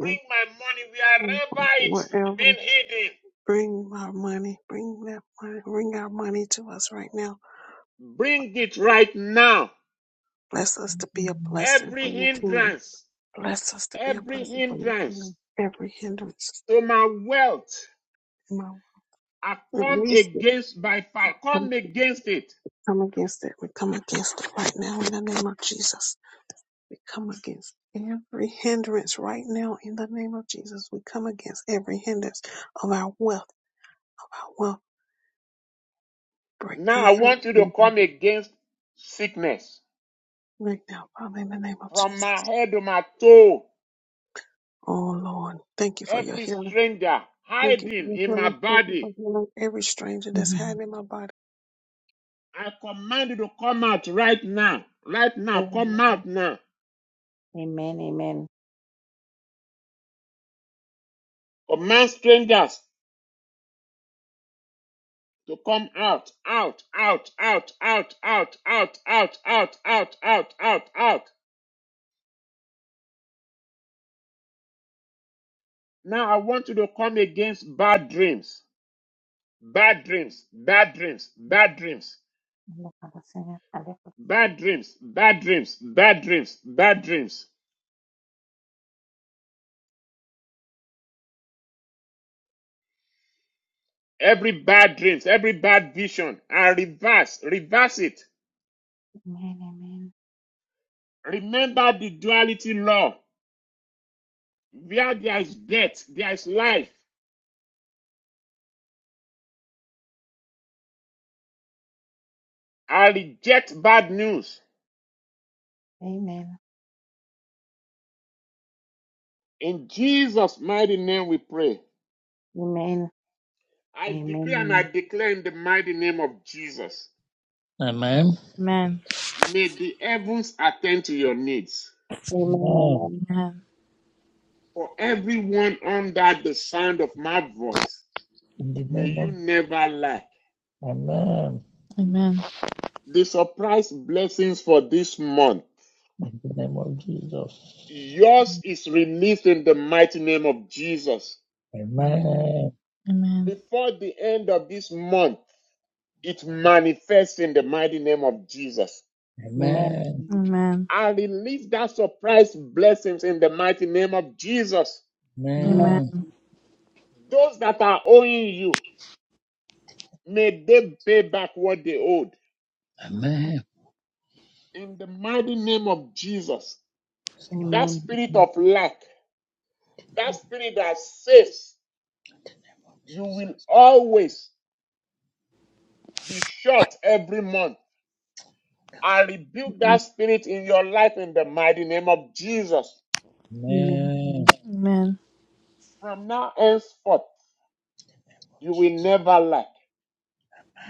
S1: Bring my money
S6: Mm.
S1: wherever it's
S6: Wherever.
S1: been hidden.
S6: Bring our money, bring that money, bring our money to us right now.
S1: Bring it right now.
S6: Bless us to be a
S4: Amen.
S6: blessing for
S1: Every
S6: your kingdom.
S1: hindrance,
S6: Bless us to be a
S1: every
S6: blessing for your
S1: hindrance
S6: kingdom. Every hindrance,
S1: to my wealth,
S6: in my
S1: I
S6: way,
S1: come
S6: release it.
S1: against by fire.
S6: Come,
S1: Come against it.
S6: come against it. We come against it right now in the name of Jesus. We come against every hindrance right now in the name of Jesus. We come against every hindrance of our wealth. Our wealth break
S1: Now
S6: down
S1: I want you to
S6: everything
S1: come against sickness
S6: right now, Father, in the name of
S1: from my
S6: Jesus.
S1: head to my toe.
S6: Oh Lord, thank you for your
S1: Every
S6: healing.
S1: stranger
S6: Thank you for
S1: hiding
S6: your
S1: in my
S6: healing. Thank you for
S1: body,
S6: healing every stranger that's
S4: Amen.
S6: had in my body.
S1: I command you to come out right now. Right now, come out now.
S4: Amen. Amen.
S1: Command strangers to come out, out, out, out, out, out, out, out, out, out, out, out, out. Now I want you to come against bad dreams, bad dreams, bad dreams, bad dreams.
S4: Look at the singer. Amen.
S1: Bad dreams, bad dreams, bad dreams, bad dreams. Every bad dreams, every bad vision, and reverse, reverse it.
S4: Amen.
S1: Remember the duality law. Where there is death, there is life. I reject bad news.
S4: Amen.
S1: In Jesus' mighty name we pray.
S4: Amen. Amen.
S1: I decree and I
S4: Amen.
S1: declare in the mighty name of Jesus.
S7: Amen.
S3: Amen.
S1: May the heavens attend to your needs.
S7: Amen.
S4: Amen.
S3: Amen.
S1: For everyone under the sound of my voice,
S7: In the
S1: may
S7: name
S1: you
S7: of
S1: never lack.
S7: Amen.
S3: Amen.
S1: The surprise blessings for this month.
S7: In the name of Jesus.
S1: Yours is released in the mighty name of Jesus.
S4: Amen.
S7: Amen.
S3: Amen.
S1: Before the end of this month, it manifests in the mighty name of Jesus.
S4: Amen.
S7: Amen.
S4: Amen.
S3: Amen.
S1: I release that surprise blessings in the mighty name of Jesus.
S4: Amen.
S3: Amen.
S7: Amen.
S1: Those that are owing you, may they pay back what they owed.
S7: Amen.
S1: In the mighty name of Jesus,
S7: Yes, Lord
S1: that
S4: Amen.
S1: spirit of lack, that spirit that says you
S7: Jesus.
S1: will always be short every month. I rebuke that
S4: Amen.
S1: spirit in your life in the mighty name of Jesus.
S4: Amen.
S7: Amen.
S3: Amen.
S1: From now henceforth, you will never lack.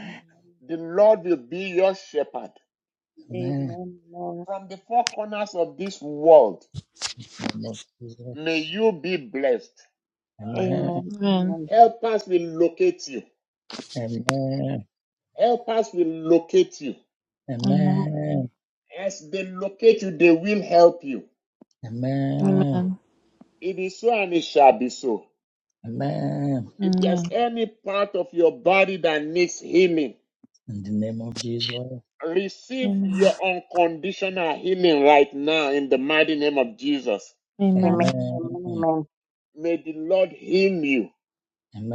S4: Amen.
S1: The Lord will be your shepherd.
S7: Amen.
S4: Amen.
S1: From the four corners of this world,
S7: In the name of
S1: may
S7: Jesus.
S1: you be blessed.
S7: Amen.
S4: Amen.
S3: Amen.
S4: Amen.
S1: Help us will locate you.
S7: Amen.
S1: Help us will locate you.
S3: Amen.
S7: Amen.
S1: As they locate you, they will help you.
S7: Amen.
S3: Amen.
S1: It is so and it shall be so.
S7: Amen.
S1: If there's
S3: Amen.
S1: any part of your body that needs healing,
S7: In the name of Jesus.
S3: Amen.
S1: receive your unconditional healing right now in the mighty name of Jesus.
S4: Amen.
S3: Amen.
S7: Amen.
S4: Amen.
S1: May the Lord heal you.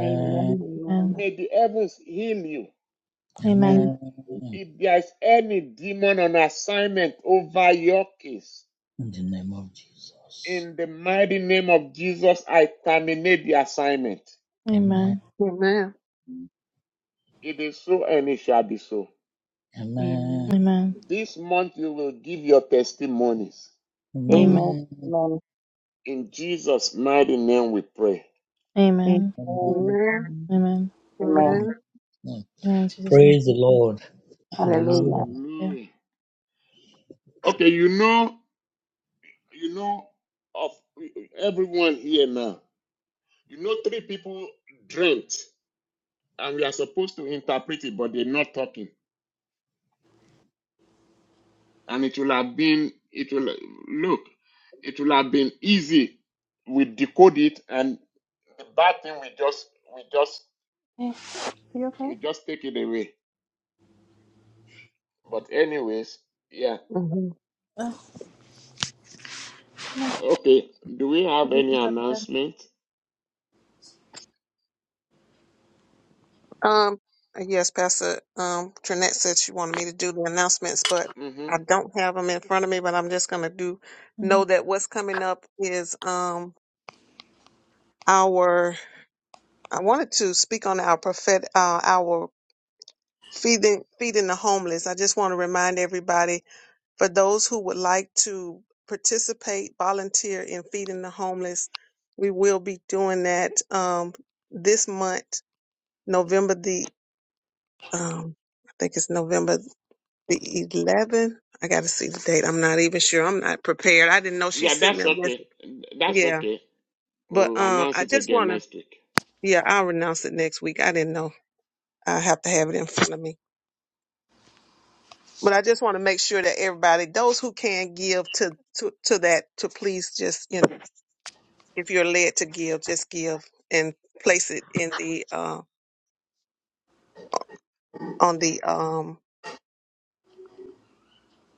S4: Amen. Amen.
S3: Amen.
S1: May the heavens heal you.
S4: Amen. Amen.
S3: Amen.
S7: Amen.
S1: If there is any demon on assignment over your case,
S7: In the name of Jesus.
S1: in the mighty name of Jesus, I terminate the assignment.
S3: Amen.
S7: Amen.
S3: Amen.
S6: Amen.
S1: It is so and it shall be so.
S7: Amen.
S4: Amen. Amen.
S3: Amen.
S1: This month you will give your testimonies.
S3: Amen.
S7: Amen.
S4: Amen.
S1: In Jesus' mighty name we pray.
S4: Amen.
S3: Amen.
S7: Amen.
S6: Amen.
S3: Amen.
S4: Amen.
S6: Amen.
S7: Amen.
S3: In Jesus' name.
S7: Praise the Lord.
S4: Hallelujah.
S7: Hallelujah.
S6: hmm
S3: Yeah.
S1: Hallelujah. Okay, you know You know, of everyone here now, you know, three people dreamt, and we are supposed to interpret it, but they're not talking. And it will have been, it will look, it will have been easy. We decode it, and the bad thing we just, we just,
S3: Hey, you okay?
S1: we just take it away. But anyways, yeah,
S6: Um,
S3: Oh,
S1: okay. Do we have any announcement?
S6: uh, yes, Pastor um, Trinette said she wanted me to do the announcements, but I
S1: Mm-hmm.
S6: don't have them in front of me. But I'm just gonna do know
S3: mhm.
S6: that what's coming up is um our. I wanted to speak on our prophet uh, our feeding feeding the homeless. I just want to remind everybody For those who would like to participate, volunteer in feeding the homeless, we will be doing that um, this month, November the, um, I think it's November the 11th. I got to see the date. I'm not even sure. I'm not prepared. I didn't know she
S1: Yeah,
S6: sent me
S1: that's
S6: a
S1: okay.
S6: message.
S1: That's
S6: Yeah,
S1: okay.
S6: but
S1: We'll
S6: um,
S1: announce
S6: I
S1: it
S6: just
S1: again
S6: want to.
S1: next week.
S6: Yeah, I'll announce it next week. I didn't know. I have to have it in front of me. But I just want to make sure that everybody, those who can give to to, to that, to please just you know. if you're led to give, just give and place it in the uh, on the um,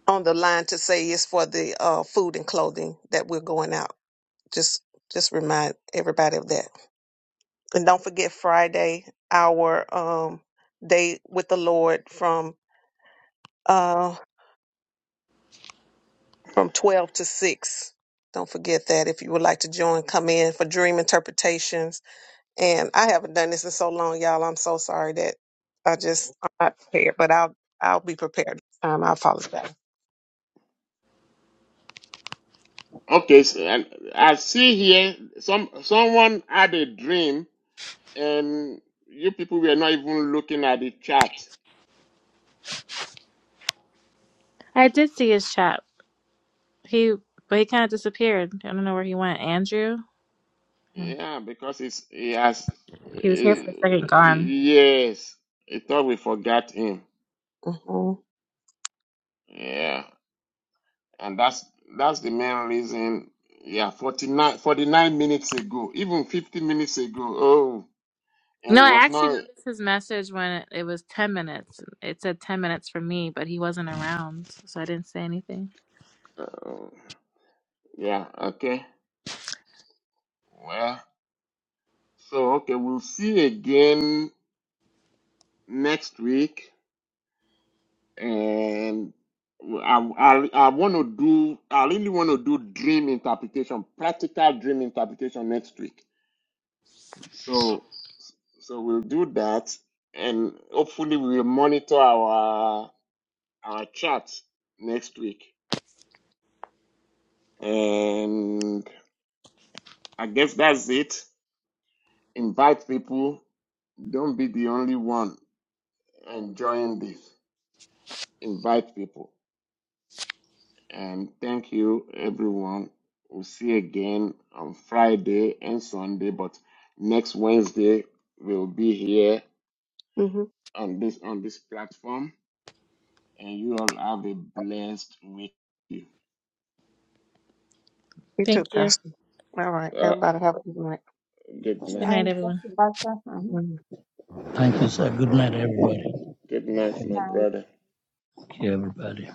S6: on the line to say it's for the uh, food and clothing that we're going out. Just just remind everybody of that, and don't forget Friday our um, day with the Lord from uh, from twelve to six. Don't forget that if you would like to join, come in for dream interpretations And I haven't done this in so long, y'all. I'm so sorry that I just I'm not prepared, but I'll I'll be prepared next time. I apologize.
S1: Okay, so, and I see here some someone had a dream, and you people were not even looking at the chart.
S3: I did see his chat. He, but he kind of disappeared. I don't know where he went. Andrew. Yeah.
S1: Yeah, because it's he has.
S3: He was here
S1: eh,
S3: for a second, gone.
S1: yes, I thought we forgot him.
S6: Mm-hmm.
S1: Yeah, and that's that's the main reason. Yeah, 49 49 minutes ago, even fifty minutes ago. Oh, and
S3: No,
S1: it
S3: I
S1: was
S3: actually
S1: not.
S3: noticed his message when it was ten minutes. It said ten minutes for me, but he wasn't around, so I didn't say anything.
S1: Uh, yeah. Okay. Well. So okay, we'll see again next week, and I I, I want to do I really want to do dream interpretation, practical dream interpretation next week. So so we'll do that, and hopefully we'll monitor our our chat next week. And I guess that's it. Invite people. Don't be the only one enjoying this. Invite people. And thank you, everyone. We'll see you again on Friday and Sunday, but next Wednesday we'll be here
S6: Mm-hmm.
S1: on this on this platform. And you all have a blessed week.
S6: You too,
S3: Thank you.
S6: Pastor. All right.
S1: Uh,
S6: Everybody have a good night.
S1: good
S4: Good night.
S3: Good
S1: night.
S3: night, everyone.
S4: Thank you, Pastor. Mhm.
S6: Mhm.
S10: Uh,
S7: Thank you,
S10: good
S7: sir.
S10: night,
S7: Good
S10: all.
S7: night, everybody.
S1: Good
S4: Good
S1: night, my
S4: night.
S1: brother.
S7: Thank you, everybody.